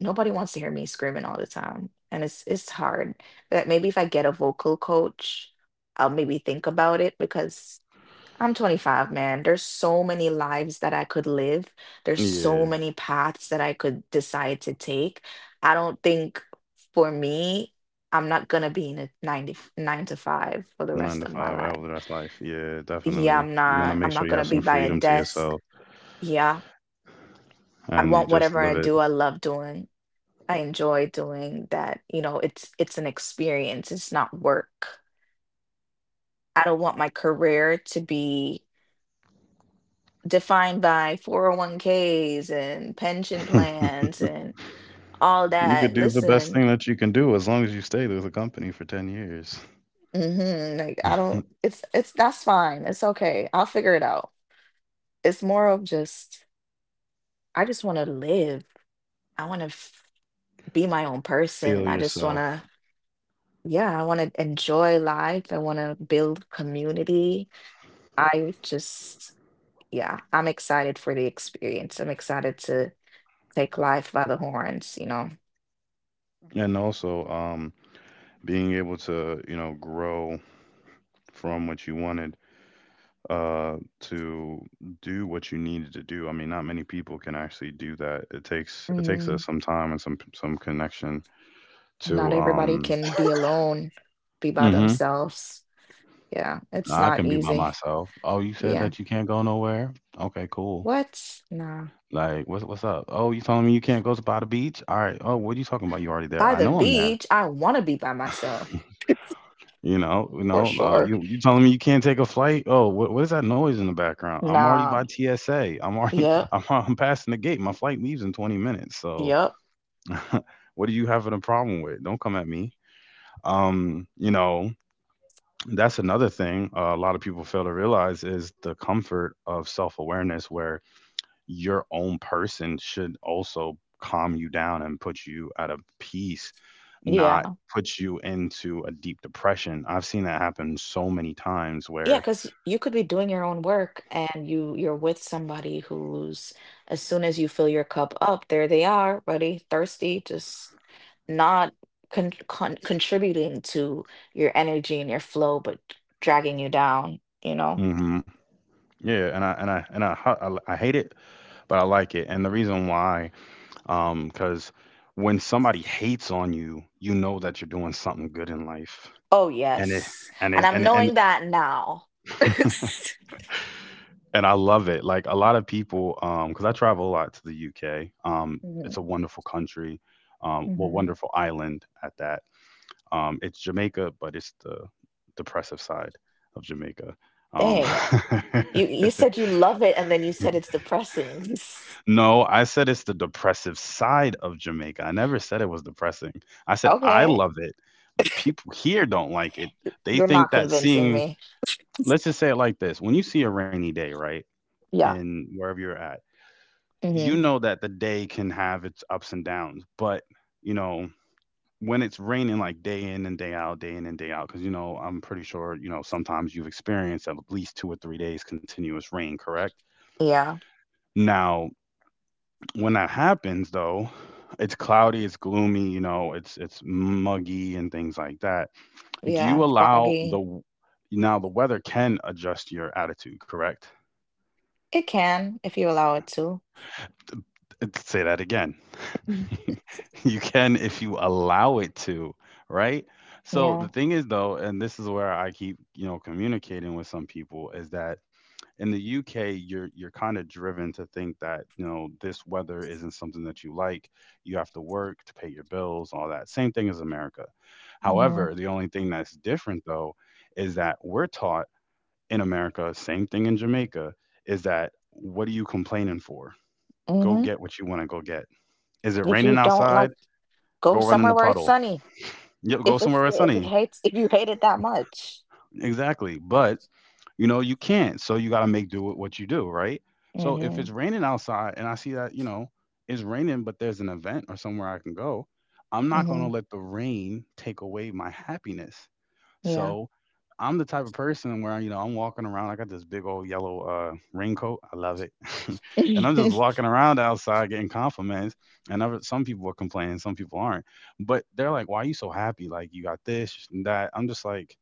Speaker 1: nobody wants to hear me screaming all the time. And it's hard. But maybe if I get a vocal coach, I'll maybe think about it, because I'm 25, man. There's so many lives that I could live. There's so
Speaker 2: Yeah.
Speaker 1: many paths that I could decide to take. I don't think, for me, I'm not gonna be in a 99 to five for the
Speaker 2: Nine
Speaker 1: rest
Speaker 2: to
Speaker 1: of my
Speaker 2: five
Speaker 1: life.
Speaker 2: hour, that's life. Yeah,
Speaker 1: Yeah,
Speaker 2: definitely.
Speaker 1: I'm
Speaker 2: You want to
Speaker 1: not I'm
Speaker 2: make sure
Speaker 1: not
Speaker 2: you
Speaker 1: gonna
Speaker 2: have
Speaker 1: be
Speaker 2: some
Speaker 1: by a
Speaker 2: freedom to
Speaker 1: desk.
Speaker 2: yourself
Speaker 1: Yeah. I
Speaker 2: and you
Speaker 1: want
Speaker 2: just
Speaker 1: whatever I
Speaker 2: live
Speaker 1: do, I love doing. I enjoy doing that. You know, it's an experience. It's not work. I don't want my career to be defined by 401ks and pension
Speaker 2: it.
Speaker 1: plans and all
Speaker 2: You
Speaker 1: that.
Speaker 2: could do the best
Speaker 1: Listen,
Speaker 2: thing that you can do as long as you stay with the company for 10 years.
Speaker 1: hmm, like, I don't it's that's fine. It's okay. I'll figure it out. It's more of just, I just want to live. I want to be my own person.
Speaker 2: Feel
Speaker 1: I just want to.
Speaker 2: yourself.
Speaker 1: Yeah, I want to enjoy life. I want to build community. I just, yeah, I'm excited for the experience. I'm excited to take life by the horns, you know.
Speaker 2: And also, being able to, you know, grow from what you wanted uh to do what you needed to do. I mean, not many people can actually do that. It takes
Speaker 1: Mm,
Speaker 2: us some time and some connection
Speaker 1: Not
Speaker 2: to
Speaker 1: everybody can be alone, be by
Speaker 2: Mhm.
Speaker 1: themselves. Yeah, it's
Speaker 2: Nah, I
Speaker 1: not
Speaker 2: can be by
Speaker 1: easy.
Speaker 2: myself. Oh, you said
Speaker 1: Yeah.
Speaker 2: that you can't go nowhere? Okay, cool.
Speaker 1: What? Nah.
Speaker 2: Like, what's up? Oh, you telling me you can't go to by the beach? All right. Oh, what are you talking about? You already there.
Speaker 1: By
Speaker 2: I
Speaker 1: the
Speaker 2: know I'm there.
Speaker 1: beach, I want to be by myself
Speaker 2: You know, you
Speaker 1: for
Speaker 2: know,
Speaker 1: sure.
Speaker 2: you you telling me you can't take a flight? Oh, what is that noise in the background? I'm already
Speaker 1: Nah.
Speaker 2: by TSA. I'm already
Speaker 1: Yep.
Speaker 2: I'm passing the gate. My flight leaves in 20 minutes. So,
Speaker 1: Yep.
Speaker 2: what are you having a problem with? Don't come at me. You know, that's another thing a lot of people fail to realize is the comfort of self-awareness where your own person should also calm you down and put you at a peace, not
Speaker 1: Yeah.
Speaker 2: put you into a deep depression. I've seen that happen so many times
Speaker 1: Yeah,
Speaker 2: where.
Speaker 1: because you could be doing your own work, and you're with somebody who's, as soon as you fill your cup up, there they are, ready, thirsty, just not contributing to your energy and your flow, but dragging you down, you know?
Speaker 2: Hmm, yeah, and I and I and I, hu- I hate it, but I like it. And the reason why cuz when somebody hates on you, you know that you're doing something good in life.
Speaker 1: Oh,
Speaker 2: And it
Speaker 1: yes.
Speaker 2: and
Speaker 1: And
Speaker 2: it
Speaker 1: I'm
Speaker 2: and it,
Speaker 1: knowing
Speaker 2: and
Speaker 1: that now.
Speaker 2: and I love it. Like a lot of people, because I travel a lot to the UK. It's a
Speaker 1: Hmm.
Speaker 2: wonderful country, well,
Speaker 1: Hmm.
Speaker 2: wonderful island at that. It's Jamaica, but it's the depressive side of Jamaica. Um,
Speaker 1: Dang. You said you love it and then you said it's depressing.
Speaker 2: no, I said it's the depressive side of Jamaica. I never said it was depressing. I said I
Speaker 1: Okay.
Speaker 2: love it. People here don't like it. They
Speaker 1: You're
Speaker 2: think
Speaker 1: not
Speaker 2: that
Speaker 1: convincing
Speaker 2: seeing,
Speaker 1: me.
Speaker 2: let's just say it like this: when you see a rainy day, right,
Speaker 1: Yeah.
Speaker 2: and wherever you're at,
Speaker 1: Hmm.
Speaker 2: you know that the day can have its ups and downs, but you know, when it's raining like day in and day out, day in and day out, because you know, I'm pretty sure, you know, sometimes you've experienced at least 2 or 3 days continuous rain, correct?
Speaker 1: Yeah.
Speaker 2: Now, when that happens though, it's cloudy, it's gloomy, you know, it's muggy and things like that. Do you
Speaker 1: Yeah,
Speaker 2: allow the
Speaker 1: foggy.
Speaker 2: now the weather can adjust your attitude, correct?
Speaker 1: It can if you allow it to.
Speaker 2: Say that again.
Speaker 1: Mhm.
Speaker 2: You can if you allow it to, right? So the
Speaker 1: Yeah.
Speaker 2: thing is though, and this is where I keep, you know, communicating with some people is that in the UK you're kind of driven to think that, you know, this weather isn't something that you like. You have to work to pay your bills, all that. Same thing as America.
Speaker 1: Hmm.
Speaker 2: However, the only thing that's different though is that we're taught in America, same thing in Jamaica, is that what are you complaining for? Go
Speaker 1: Hmm.
Speaker 2: get what you want to go get. Is it
Speaker 1: If
Speaker 2: raining
Speaker 1: you don't
Speaker 2: outside?
Speaker 1: like, go
Speaker 2: Go run in
Speaker 1: somewhere
Speaker 2: the
Speaker 1: where it's
Speaker 2: puddle.
Speaker 1: sunny.
Speaker 2: Yeah, go somewhere
Speaker 1: If
Speaker 2: where
Speaker 1: the,
Speaker 2: it's
Speaker 1: if it
Speaker 2: sunny.
Speaker 1: hates, If you hate it that much.
Speaker 2: Exactly. But you know you can't, so you got to make do with what you do, right? So if
Speaker 1: Hmm.
Speaker 2: it's raining outside and I see that, you know, it's raining, but there's an event or somewhere I can go, I'm not gonna
Speaker 1: Hmm.
Speaker 2: let the rain take away my happiness.
Speaker 1: Yeah.
Speaker 2: So I'm the type of person where, you know, I'm walking around. I got this big old yellow raincoat. I love it, and I'm just walking around outside getting compliments. And other, some people are complaining, some people aren't. But they're like, "Why are you so happy? Like you got this and that." I'm just like,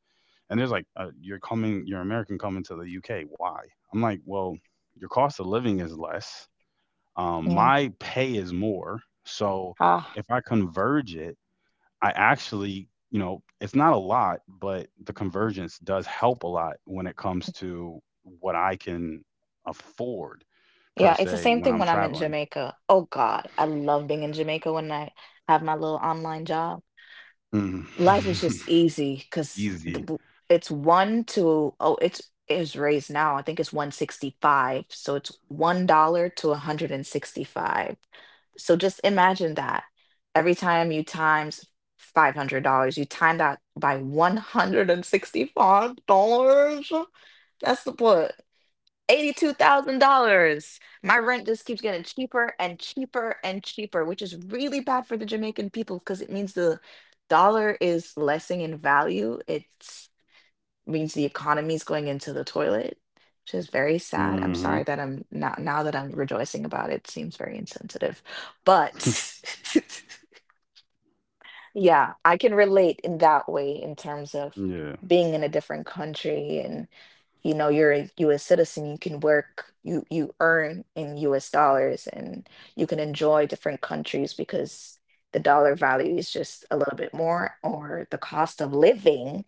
Speaker 2: and there's like, "You're coming. You're American coming to the UK. Why?" I'm like, "Well, your cost of living is less.
Speaker 1: Yeah.
Speaker 2: My pay is more. So
Speaker 1: Ah.
Speaker 2: if I converge it." I actually, you know, it's not a lot, but the convergence does help a lot when it comes to what I can afford per
Speaker 1: Yeah. It's the
Speaker 2: se
Speaker 1: same
Speaker 2: when
Speaker 1: thing
Speaker 2: I'm
Speaker 1: when I'm in
Speaker 2: traveling.
Speaker 1: Jamaica. Oh God, I love being in Jamaica when I have my little online job.
Speaker 2: Mm.
Speaker 1: Life is just easy because
Speaker 2: Easy.
Speaker 1: it's one to, oh, it's is raised now, I think, it's 165. So it's $1 to 165. So just imagine that every time you times $500, you time that by $165. That's the point. $82,000. My rent just keeps getting cheaper and cheaper and cheaper, which is really bad for the Jamaican people because it means the dollar is lessing in value. It means the economy is going into the toilet, which is very sad. I'm sorry
Speaker 2: Hmm.
Speaker 1: that I'm not, now that I'm rejoicing about it, seems very insensitive. But yeah, I can relate in that way in terms of
Speaker 2: Yeah,
Speaker 1: being in a different country, and you know you're a US citizen, you can work, you earn in US dollars, and you can enjoy different countries because the dollar value is just a little bit more, or the cost of living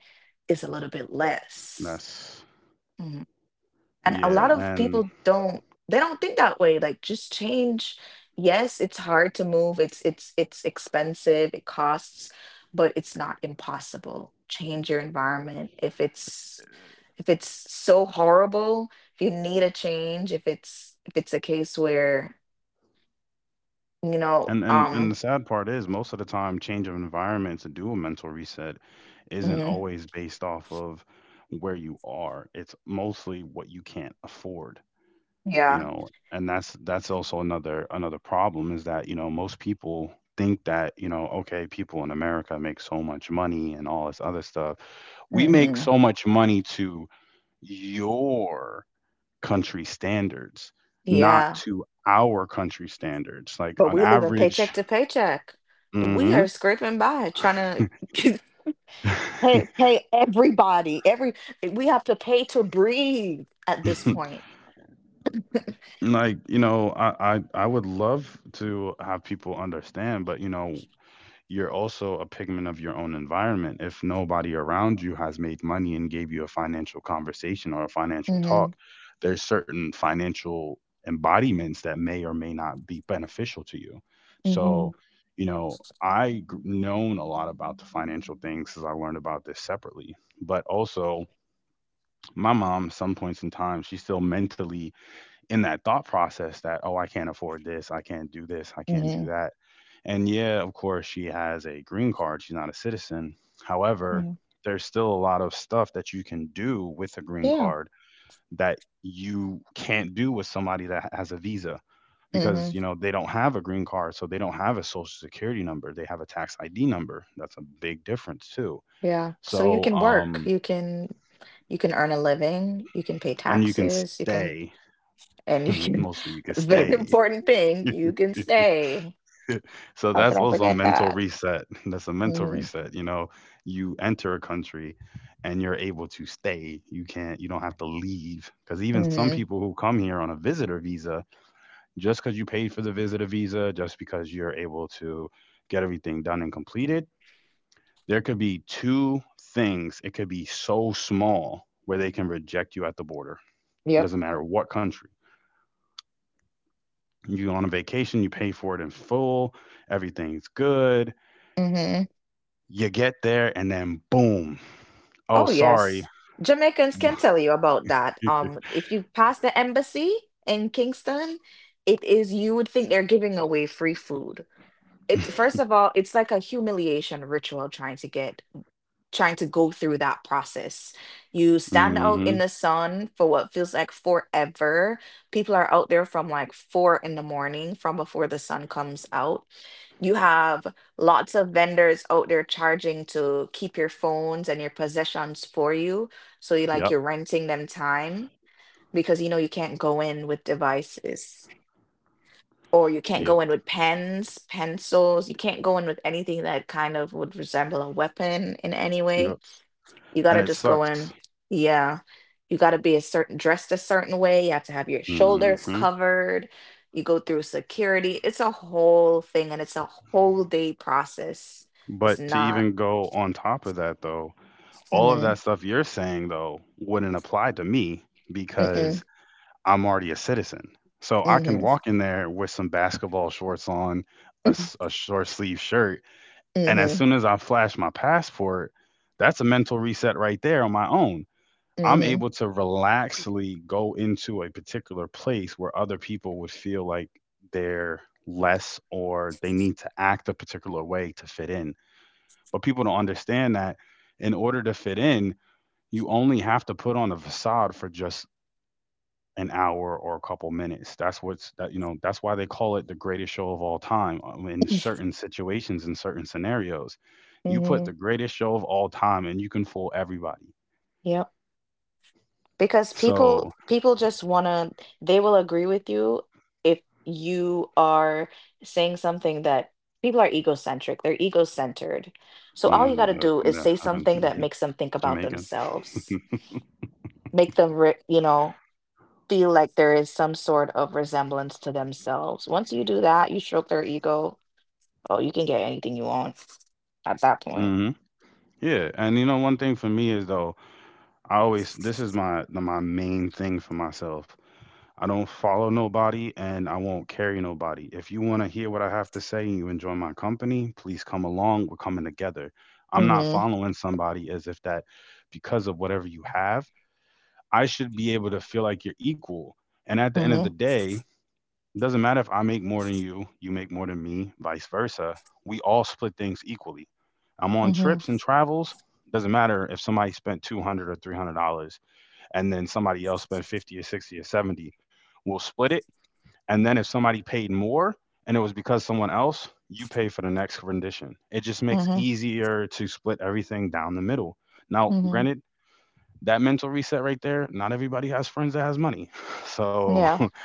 Speaker 1: is a little bit less.
Speaker 2: that's
Speaker 1: Mm-hmm. And a
Speaker 2: yeah,
Speaker 1: lot of
Speaker 2: and
Speaker 1: people don't they don't think that way. Like, just change. Yes, it's hard to move, it's expensive, it costs, but it's not impossible. Change your environment if it's, if it's so horrible, if you need a change, if it's a case where, you know,
Speaker 2: and the sad part is most of the time, change of environment to do a mental reset isn't
Speaker 1: mhm,
Speaker 2: always based off of where you are. It's mostly what you can't afford. You
Speaker 1: yeah,
Speaker 2: know, and that's also another problem is that, you know, most people think that, you know, okay, people in America make so much money and all this other stuff. We make
Speaker 1: hmm,
Speaker 2: so much money to your country standards, not
Speaker 1: yeah.
Speaker 2: to our country standards, like
Speaker 1: But
Speaker 2: on
Speaker 1: we live in
Speaker 2: average.
Speaker 1: paycheck to paycheck. We
Speaker 2: Hmm.
Speaker 1: are scraping by, trying to pay, pay everybody. Every we have to pay to breathe at this point.
Speaker 2: Like, you know, I would love to have people understand, but you know, you're also a pigment of your own environment. If nobody around you has made money and gave you a financial conversation or a financial
Speaker 1: hmm
Speaker 2: talk, there's certain financial embodiments that may or may not be beneficial to you.
Speaker 1: hmm
Speaker 2: So, you know, I known a lot about the financial things because I learned about this separately. But also, my mom, some points in time, she still mentally in that thought process that, oh, I can't afford this, I can't do this, I can't do
Speaker 1: hmm
Speaker 2: that. And yeah, of course, she has a green card, she's not a citizen. However,
Speaker 1: hmm
Speaker 2: there's still a lot of stuff that you can do with a green
Speaker 1: Yeah.
Speaker 2: card that you can't do with somebody that has a visa, because
Speaker 1: hmm
Speaker 2: you know, they don't have a green card, so they don't have a social security number, they have a tax ID number. That's a big difference too.
Speaker 1: Yeah. So you
Speaker 2: So
Speaker 1: can work. You can earn a living. You can pay
Speaker 2: and you can
Speaker 1: taxes. You can
Speaker 2: stay.
Speaker 1: and you can.
Speaker 2: Mostly you can
Speaker 1: Very
Speaker 2: stay.
Speaker 1: important thing. You can stay.
Speaker 2: So
Speaker 1: How
Speaker 2: that's
Speaker 1: could I
Speaker 2: also a
Speaker 1: forget
Speaker 2: mental
Speaker 1: that?
Speaker 2: reset. That's a mental
Speaker 1: hmm
Speaker 2: reset. You know, you enter a country and you're able to stay. You can't, you don't have to leave. Because even some
Speaker 1: hmm
Speaker 2: people who come here on a visitor visa, just because you paid for the visitor visa, just because you're able to get everything done and completed, there could be two things. It could be so small where they can reject you at the border. It
Speaker 1: Yep.
Speaker 2: doesn't matter what country. You go on a vacation, you pay for it in full, everything's good,
Speaker 1: hmm
Speaker 2: you get there, and then boom. Oh,
Speaker 1: Oh, yes.
Speaker 2: sorry.
Speaker 1: Jamaicans can tell you about that. If you pass the embassy in Kingston, it is you would think they're giving away free food. It first of all, it's like a humiliation ritual trying to go through that process. You stand out in
Speaker 2: Hmm.
Speaker 1: the sun for what feels like forever. People are out there from like four in the morning, from before the sun comes out. You have lots of vendors out there charging to keep your phones and your possessions for you. So you like
Speaker 2: Yep.
Speaker 1: you're renting them time because you know you can't go in with devices or you can't
Speaker 2: Yep.
Speaker 1: go in with pens, pencils, you can't go in with anything that kind of would resemble a weapon in any
Speaker 2: Yep.
Speaker 1: way you
Speaker 2: And
Speaker 1: got to
Speaker 2: it
Speaker 1: just go
Speaker 2: sucks.
Speaker 1: in. Yeah. You got to be a certain dressed a certain way. You have to have your shoulders
Speaker 2: Hmm.
Speaker 1: covered. You go through security. It's a whole thing and it's a whole day process. It's
Speaker 2: But to
Speaker 1: not.
Speaker 2: even go on top of that, though, all of
Speaker 1: Mm-hmm.
Speaker 2: that stuff you're saying, though, wouldn't apply to me
Speaker 1: Mm-mm.
Speaker 2: because I'm already a citizen. So I can
Speaker 1: Mm-hmm.
Speaker 2: walk in there with some basketball shorts on, a,
Speaker 1: Mm-hmm.
Speaker 2: s- a short sleeve shirt. And as
Speaker 1: Mm-hmm.
Speaker 2: soon as I flash my passport, that's a mental reset right there on my own. I'm
Speaker 1: Mm-hmm.
Speaker 2: able to relaxly go into a particular place where other people would feel like they're less or they need to act a particular way to fit in. But people don't understand that in order to fit in, you only have to put on a facade for just an hour or a couple minutes. That's what's that, you know, that's why they call it the greatest show of all time, in certain situations, in certain scenarios. You put
Speaker 1: Mm-hmm.
Speaker 2: the greatest show of all time and you can fool everybody.
Speaker 1: Yep. Because people
Speaker 2: So.
Speaker 1: people just want to they will agree with you if you are saying something that people are egocentric, they're ego-centered, so all you got
Speaker 2: Mm,
Speaker 1: to do is say something that makes them think about
Speaker 2: Jamaicans.
Speaker 1: themselves, make them you know feel like there is some sort of resemblance to themselves. Once you do that, you stroke their ego. Oh, you can get anything you want at that point.
Speaker 2: Hmm. Yeah, and you know, one thing for me is though, I always, this is my my main thing for myself. I don't follow nobody and I won't carry nobody. If you want to hear what I have to say and you enjoy my company, please come along. We're coming together. I'm not
Speaker 1: Mm-hmm.
Speaker 2: following somebody as if that because of whatever you have, I should be able to feel like you're equal. And at the end of the
Speaker 1: Mm-hmm.
Speaker 2: day, doesn't matter if I make more than you, you make more than me, vice versa. We all split things equally. I'm on
Speaker 1: Mm-hmm.
Speaker 2: trips and travels. Doesn't matter if somebody spent two hundred or three hundred dollars, and then somebody else spent 50 or 60 or 70. We'll split it, and then if somebody paid more and it was because someone else, you pay for the next rendition. It just makes
Speaker 1: Mm-hmm.
Speaker 2: easier to split everything down the middle. Now,
Speaker 1: Mm-hmm.
Speaker 2: granted, that mental reset right there, not everybody has friends that has money, so
Speaker 1: Yeah.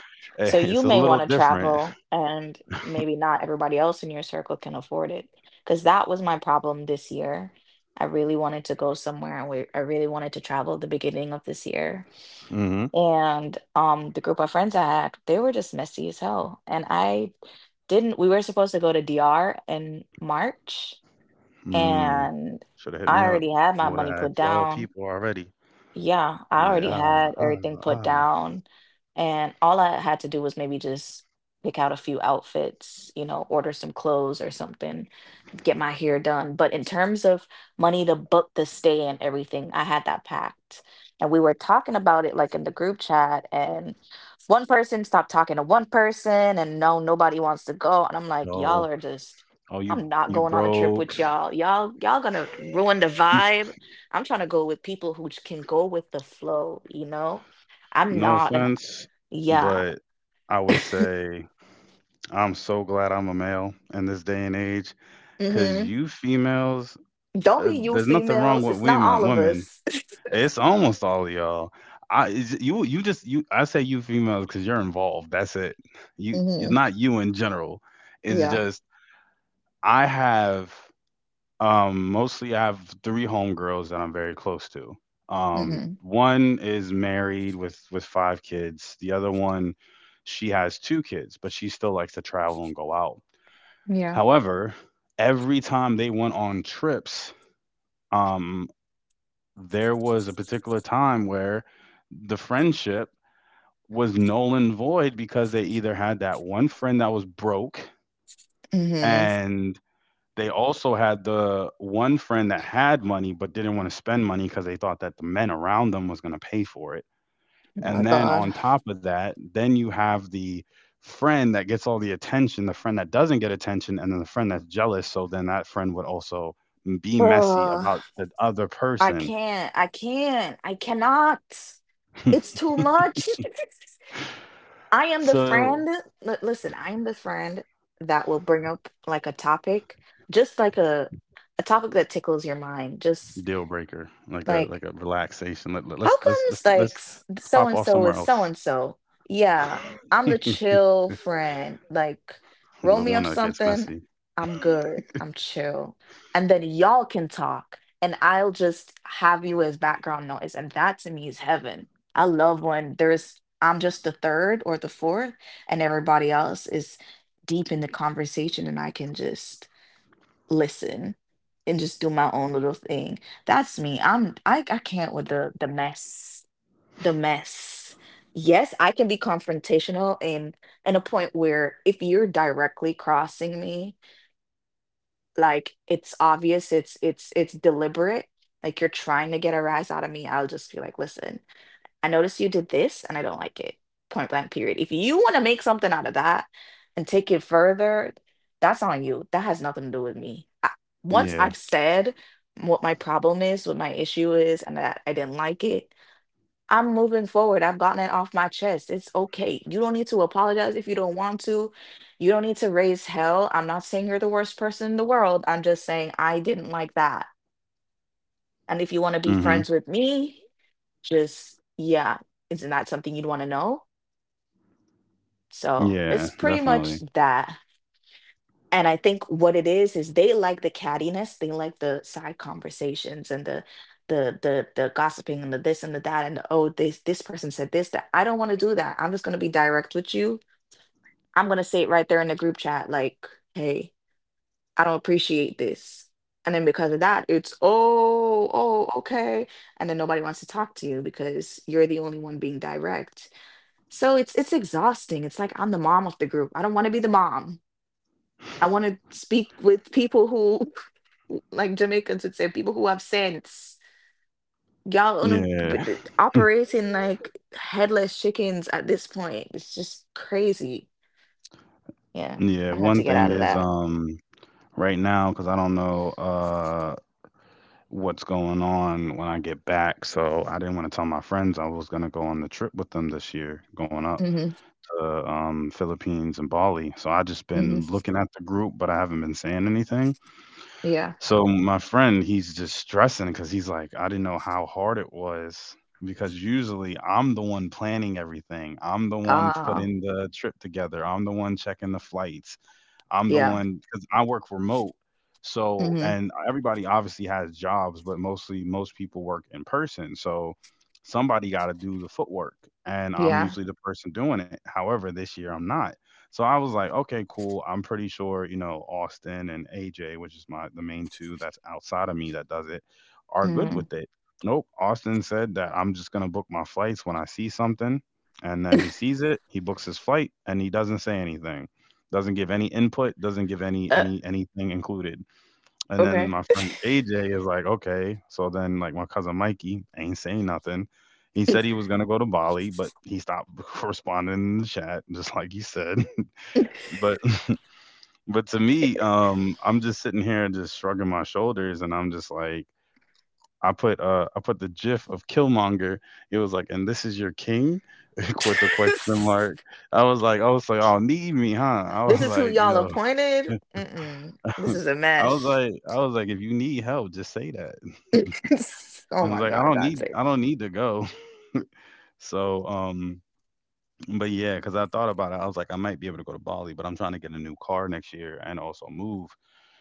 Speaker 1: So you
Speaker 2: it's a
Speaker 1: may
Speaker 2: little
Speaker 1: want to
Speaker 2: different.
Speaker 1: travel, and maybe not everybody else in your circle can afford it. Because that was my problem this year. I really wanted to go somewhere, and I really wanted to travel at the beginning of this year.
Speaker 2: Hmm.
Speaker 1: And the group of friends I had, they were just messy as hell. And I didn't, we were supposed to go to DR in March,
Speaker 2: Mm,
Speaker 1: and
Speaker 2: shoulda hit
Speaker 1: I
Speaker 2: me up.
Speaker 1: already had my
Speaker 2: I
Speaker 1: money
Speaker 2: woulda
Speaker 1: put
Speaker 2: had 12
Speaker 1: down.
Speaker 2: people already.
Speaker 1: Yeah, I
Speaker 2: I'm like,
Speaker 1: already had
Speaker 2: "Ah, ah,
Speaker 1: everything put
Speaker 2: ah,
Speaker 1: down, and all I had to do was maybe just pick out a few outfits, you know, order some clothes or something, get my hair done. But in terms of money to book the stay and everything, I had that packed. And we were talking about it like in the group chat, and one person stopped talking to one person, and no, nobody wants to go. And I'm like, y'all
Speaker 2: no.
Speaker 1: are just,
Speaker 2: Oh, you
Speaker 1: I'm not
Speaker 2: you
Speaker 1: going on a trip
Speaker 2: broke."
Speaker 1: with y'all. Y'all gonna ruin the vibe. I'm trying to go with people who can go with the flow, you know? I'm
Speaker 2: No
Speaker 1: not an,
Speaker 2: offense,
Speaker 1: yeah.
Speaker 2: but I would say I'm so glad I'm a male in this day and age. Cause
Speaker 1: hmm
Speaker 2: you females,
Speaker 1: Don't be you
Speaker 2: there's nothing
Speaker 1: females.
Speaker 2: wrong with
Speaker 1: It's not all
Speaker 2: women
Speaker 1: of
Speaker 2: women.
Speaker 1: us.
Speaker 2: It's almost all of y'all. I say you females because 'cause you're involved, that's it. You It's
Speaker 1: hmm
Speaker 2: not you in general. It's
Speaker 1: Yeah.
Speaker 2: just I have Mostly I have 3 homegirls that I'm very close to.
Speaker 1: hmm
Speaker 2: One is married with 5 kids. The other one, she has 2 kids, but she still likes to travel and go out.
Speaker 1: Yeah.
Speaker 2: However, every time they went on trips, um, there was a particular time where the friendship was null and void because they either had that one friend that was broke,
Speaker 1: hmm
Speaker 2: and they also had the one friend that had money but didn't wanna spend money because they thought that the men around them was gonna pay for it.
Speaker 1: Oh my
Speaker 2: And then
Speaker 1: God.
Speaker 2: on top of that, then you have the friend that gets all the attention, the friend that doesn't get attention, and then the friend that's jealous, so then that friend would also be messy
Speaker 1: Ugh.
Speaker 2: about the other
Speaker 1: I
Speaker 2: person.
Speaker 1: can't. I can't. I cannot. It's too much. I am the
Speaker 2: So
Speaker 1: friend. Listen, I am the friend that will bring up like a topic, just like a topic that tickles your mind. Just
Speaker 2: deal breaker, like a like
Speaker 1: like
Speaker 2: a relaxation. Let let
Speaker 1: how
Speaker 2: let's let's let's
Speaker 1: comes like
Speaker 2: let's let's
Speaker 1: so
Speaker 2: pop
Speaker 1: and
Speaker 2: off
Speaker 1: so
Speaker 2: somewhere
Speaker 1: is so
Speaker 2: else.
Speaker 1: and so? Yeah, I'm the chill friend. Like,
Speaker 2: The
Speaker 1: roll me
Speaker 2: one
Speaker 1: up
Speaker 2: that gets
Speaker 1: something.
Speaker 2: messy.
Speaker 1: I'm good. I'm chill. And then y'all can talk, and I'll just have you as background noise. And that to me is heaven. I love when I'm just the third or the fourth, and everybody else is deep in the conversation, and I can just listen and just do my own little thing. That's me. I can't with the mess. Yes, I can be confrontational in a point where if you're directly crossing me, like it's obvious, it's deliberate, like you're trying to get a rise out of me, I'll just be like, listen, I noticed you did this and I don't like it. Point blank period. If you want to make something out of that and take it further, that's on you. That has nothing to do with me. I, once I've
Speaker 2: Yeah.
Speaker 1: said what my problem is, what my issue is, and that I didn't like it, I'm moving forward. I've gotten it off my chest. It's okay. You don't need to apologize if you don't want to. You don't need to raise hell. I'm not saying you're the worst person in the world. I'm just saying I didn't like that. And if you want to be
Speaker 2: Mhm.
Speaker 1: friends with me, just yeah, isn't that something you'd want to know? So it's
Speaker 2: Yeah,
Speaker 1: pretty much
Speaker 2: definitely.
Speaker 1: that. And I think what it is they like the cattiness, they like the side conversations and the the gossiping and the this and the that and the oh this person said this that I don't want to do that. I'm just gonna be direct with you. I'm gonna say it right there in the group chat, like, hey, I don't appreciate this. And then because of that, it's oh, oh, okay. And then nobody wants to talk to you because you're the only one being direct. So it's exhausting. It's like I'm the mom of the group. I don't want to be the mom. I want to speak with people who like Jamaicans would say, people who have sense. Y'all on
Speaker 2: Yeah.
Speaker 1: operating like headless chickens at this point. It's just crazy. Yeah,
Speaker 2: Yeah,
Speaker 1: I had
Speaker 2: one
Speaker 1: to get
Speaker 2: thing
Speaker 1: out of
Speaker 2: is,
Speaker 1: that.
Speaker 2: right now, cause I don't know, what's going on when I get back, so I didn't wanna tell my friends I was gonna go on the trip with them this year, going up
Speaker 1: hmm
Speaker 2: to, Philippines and Bali, so I just
Speaker 1: hmm
Speaker 2: been looking at the group, but I haven't been saying anything.
Speaker 1: Yeah.
Speaker 2: So my friend, he's just stressing because he's like, I didn't know how hard it was because usually I'm the one planning everything. I'm the one
Speaker 1: Ah.
Speaker 2: putting the trip together. I'm the one checking the flights. I'm the
Speaker 1: Yeah.
Speaker 2: one because I work remote. So,
Speaker 1: hmm
Speaker 2: and everybody obviously has jobs, but mostly most people work in person. So, somebody got to do the footwork, and I'm
Speaker 1: Yeah.
Speaker 2: usually the person doing it. However, this year I'm not. So I was like, okay, cool. I'm pretty sure, you know, Austin and AJ, which is my the main 2 that's outside of me that does it, are good
Speaker 1: hmm
Speaker 2: with it. Nope. Austin said that I'm just gonna book my flights when I see something, and then he sees it, he books his flight, and he doesn't say anything. Doesn't give any input, doesn't give any
Speaker 1: Uh,
Speaker 2: any anything included. And then
Speaker 1: okay.
Speaker 2: my friend AJ is like, okay. So then like my cousin Mikey ain't saying nothing. He said he was gonna go to Bali, but he stopped responding in the chat, just like he said. But to me, I'm just sitting here just shrugging my shoulders and I'm just like I put the gif of Killmonger. It was like, and this is your king with the question mark. I was like, oh, need me, huh? I
Speaker 1: This
Speaker 2: was
Speaker 1: is who
Speaker 2: like, you
Speaker 1: y'all
Speaker 2: know,
Speaker 1: appointed. Mm-mm. This is a mess.
Speaker 2: I was like, if you need help, just say that.
Speaker 1: Oh
Speaker 2: And I was
Speaker 1: my
Speaker 2: like,
Speaker 1: God, that's it.
Speaker 2: I don't need to go. So but yeah, because I thought about it, I was like, I might be able to go to Bali, but I'm trying to get a new car next year and also move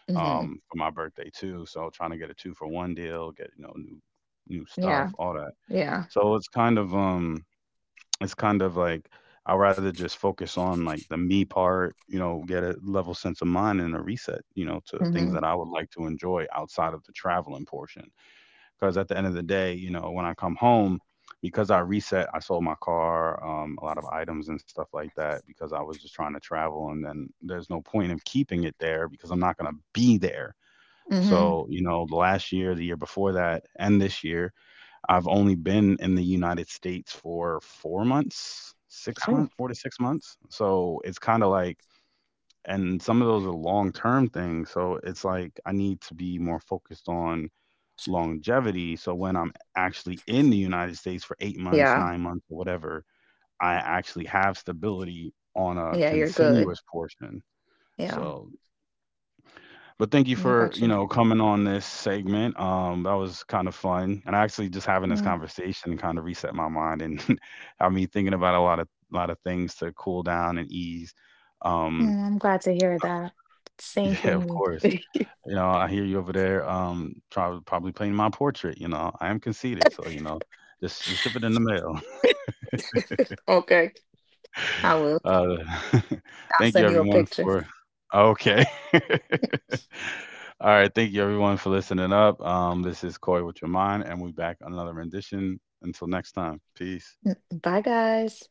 Speaker 1: hmm
Speaker 2: for my birthday too. So trying to get a two for one deal, get you know new
Speaker 1: Yeah.
Speaker 2: stuff, all that.
Speaker 1: Yeah.
Speaker 2: So it's kind of like I'd rather just focus on like the me part, you know, get a level sense of mind and a reset, you know, to things
Speaker 1: hmm
Speaker 2: that I would like to enjoy outside of the traveling portion. Because at the end of the day, you know, when I come home, because I reset, I sold my car, a lot of items and stuff like that, because I was just trying to travel, and then there's no point in keeping it there because I'm not gonna be there.
Speaker 1: hmm
Speaker 2: So, you know, the last year, the year before that, and this year, I've only been in the United States for 4 months, six
Speaker 1: Oh.
Speaker 2: months, 4 to 6 months. So it's kind of like, and some of those are long term things. So it's like I need to be more focused on longevity. So when I'm actually in the United States for 8 months,
Speaker 1: Yeah.
Speaker 2: 9 months, or whatever, I actually have stability on a
Speaker 1: Yeah, you're good.
Speaker 2: continuous portion.
Speaker 1: Yeah,
Speaker 2: So, but thank you
Speaker 1: yeah, I
Speaker 2: for,
Speaker 1: got
Speaker 2: you
Speaker 1: you.
Speaker 2: know, coming on this segment. That was kind of fun. And actually just having this
Speaker 1: Yeah,
Speaker 2: conversation kind of reset my mind and I mean thinking about a lot of things to cool down and ease. Um,
Speaker 1: mm, I'm glad to hear that. Same
Speaker 2: yeah,
Speaker 1: for
Speaker 2: of
Speaker 1: me.
Speaker 2: course. You know, I hear you over there, probably painting my portrait, you know, I am conceited, so, you know, just ship it in the mail.
Speaker 1: Okay, I will.
Speaker 2: Uh,
Speaker 1: I'll
Speaker 2: thank you
Speaker 1: send you a
Speaker 2: everyone
Speaker 1: picture.
Speaker 2: for okay. All right, thank you everyone for listening up. This is Corey with Your Mind, and we'll be back on another rendition. Until next time, peace.
Speaker 1: Mm, bye, guys.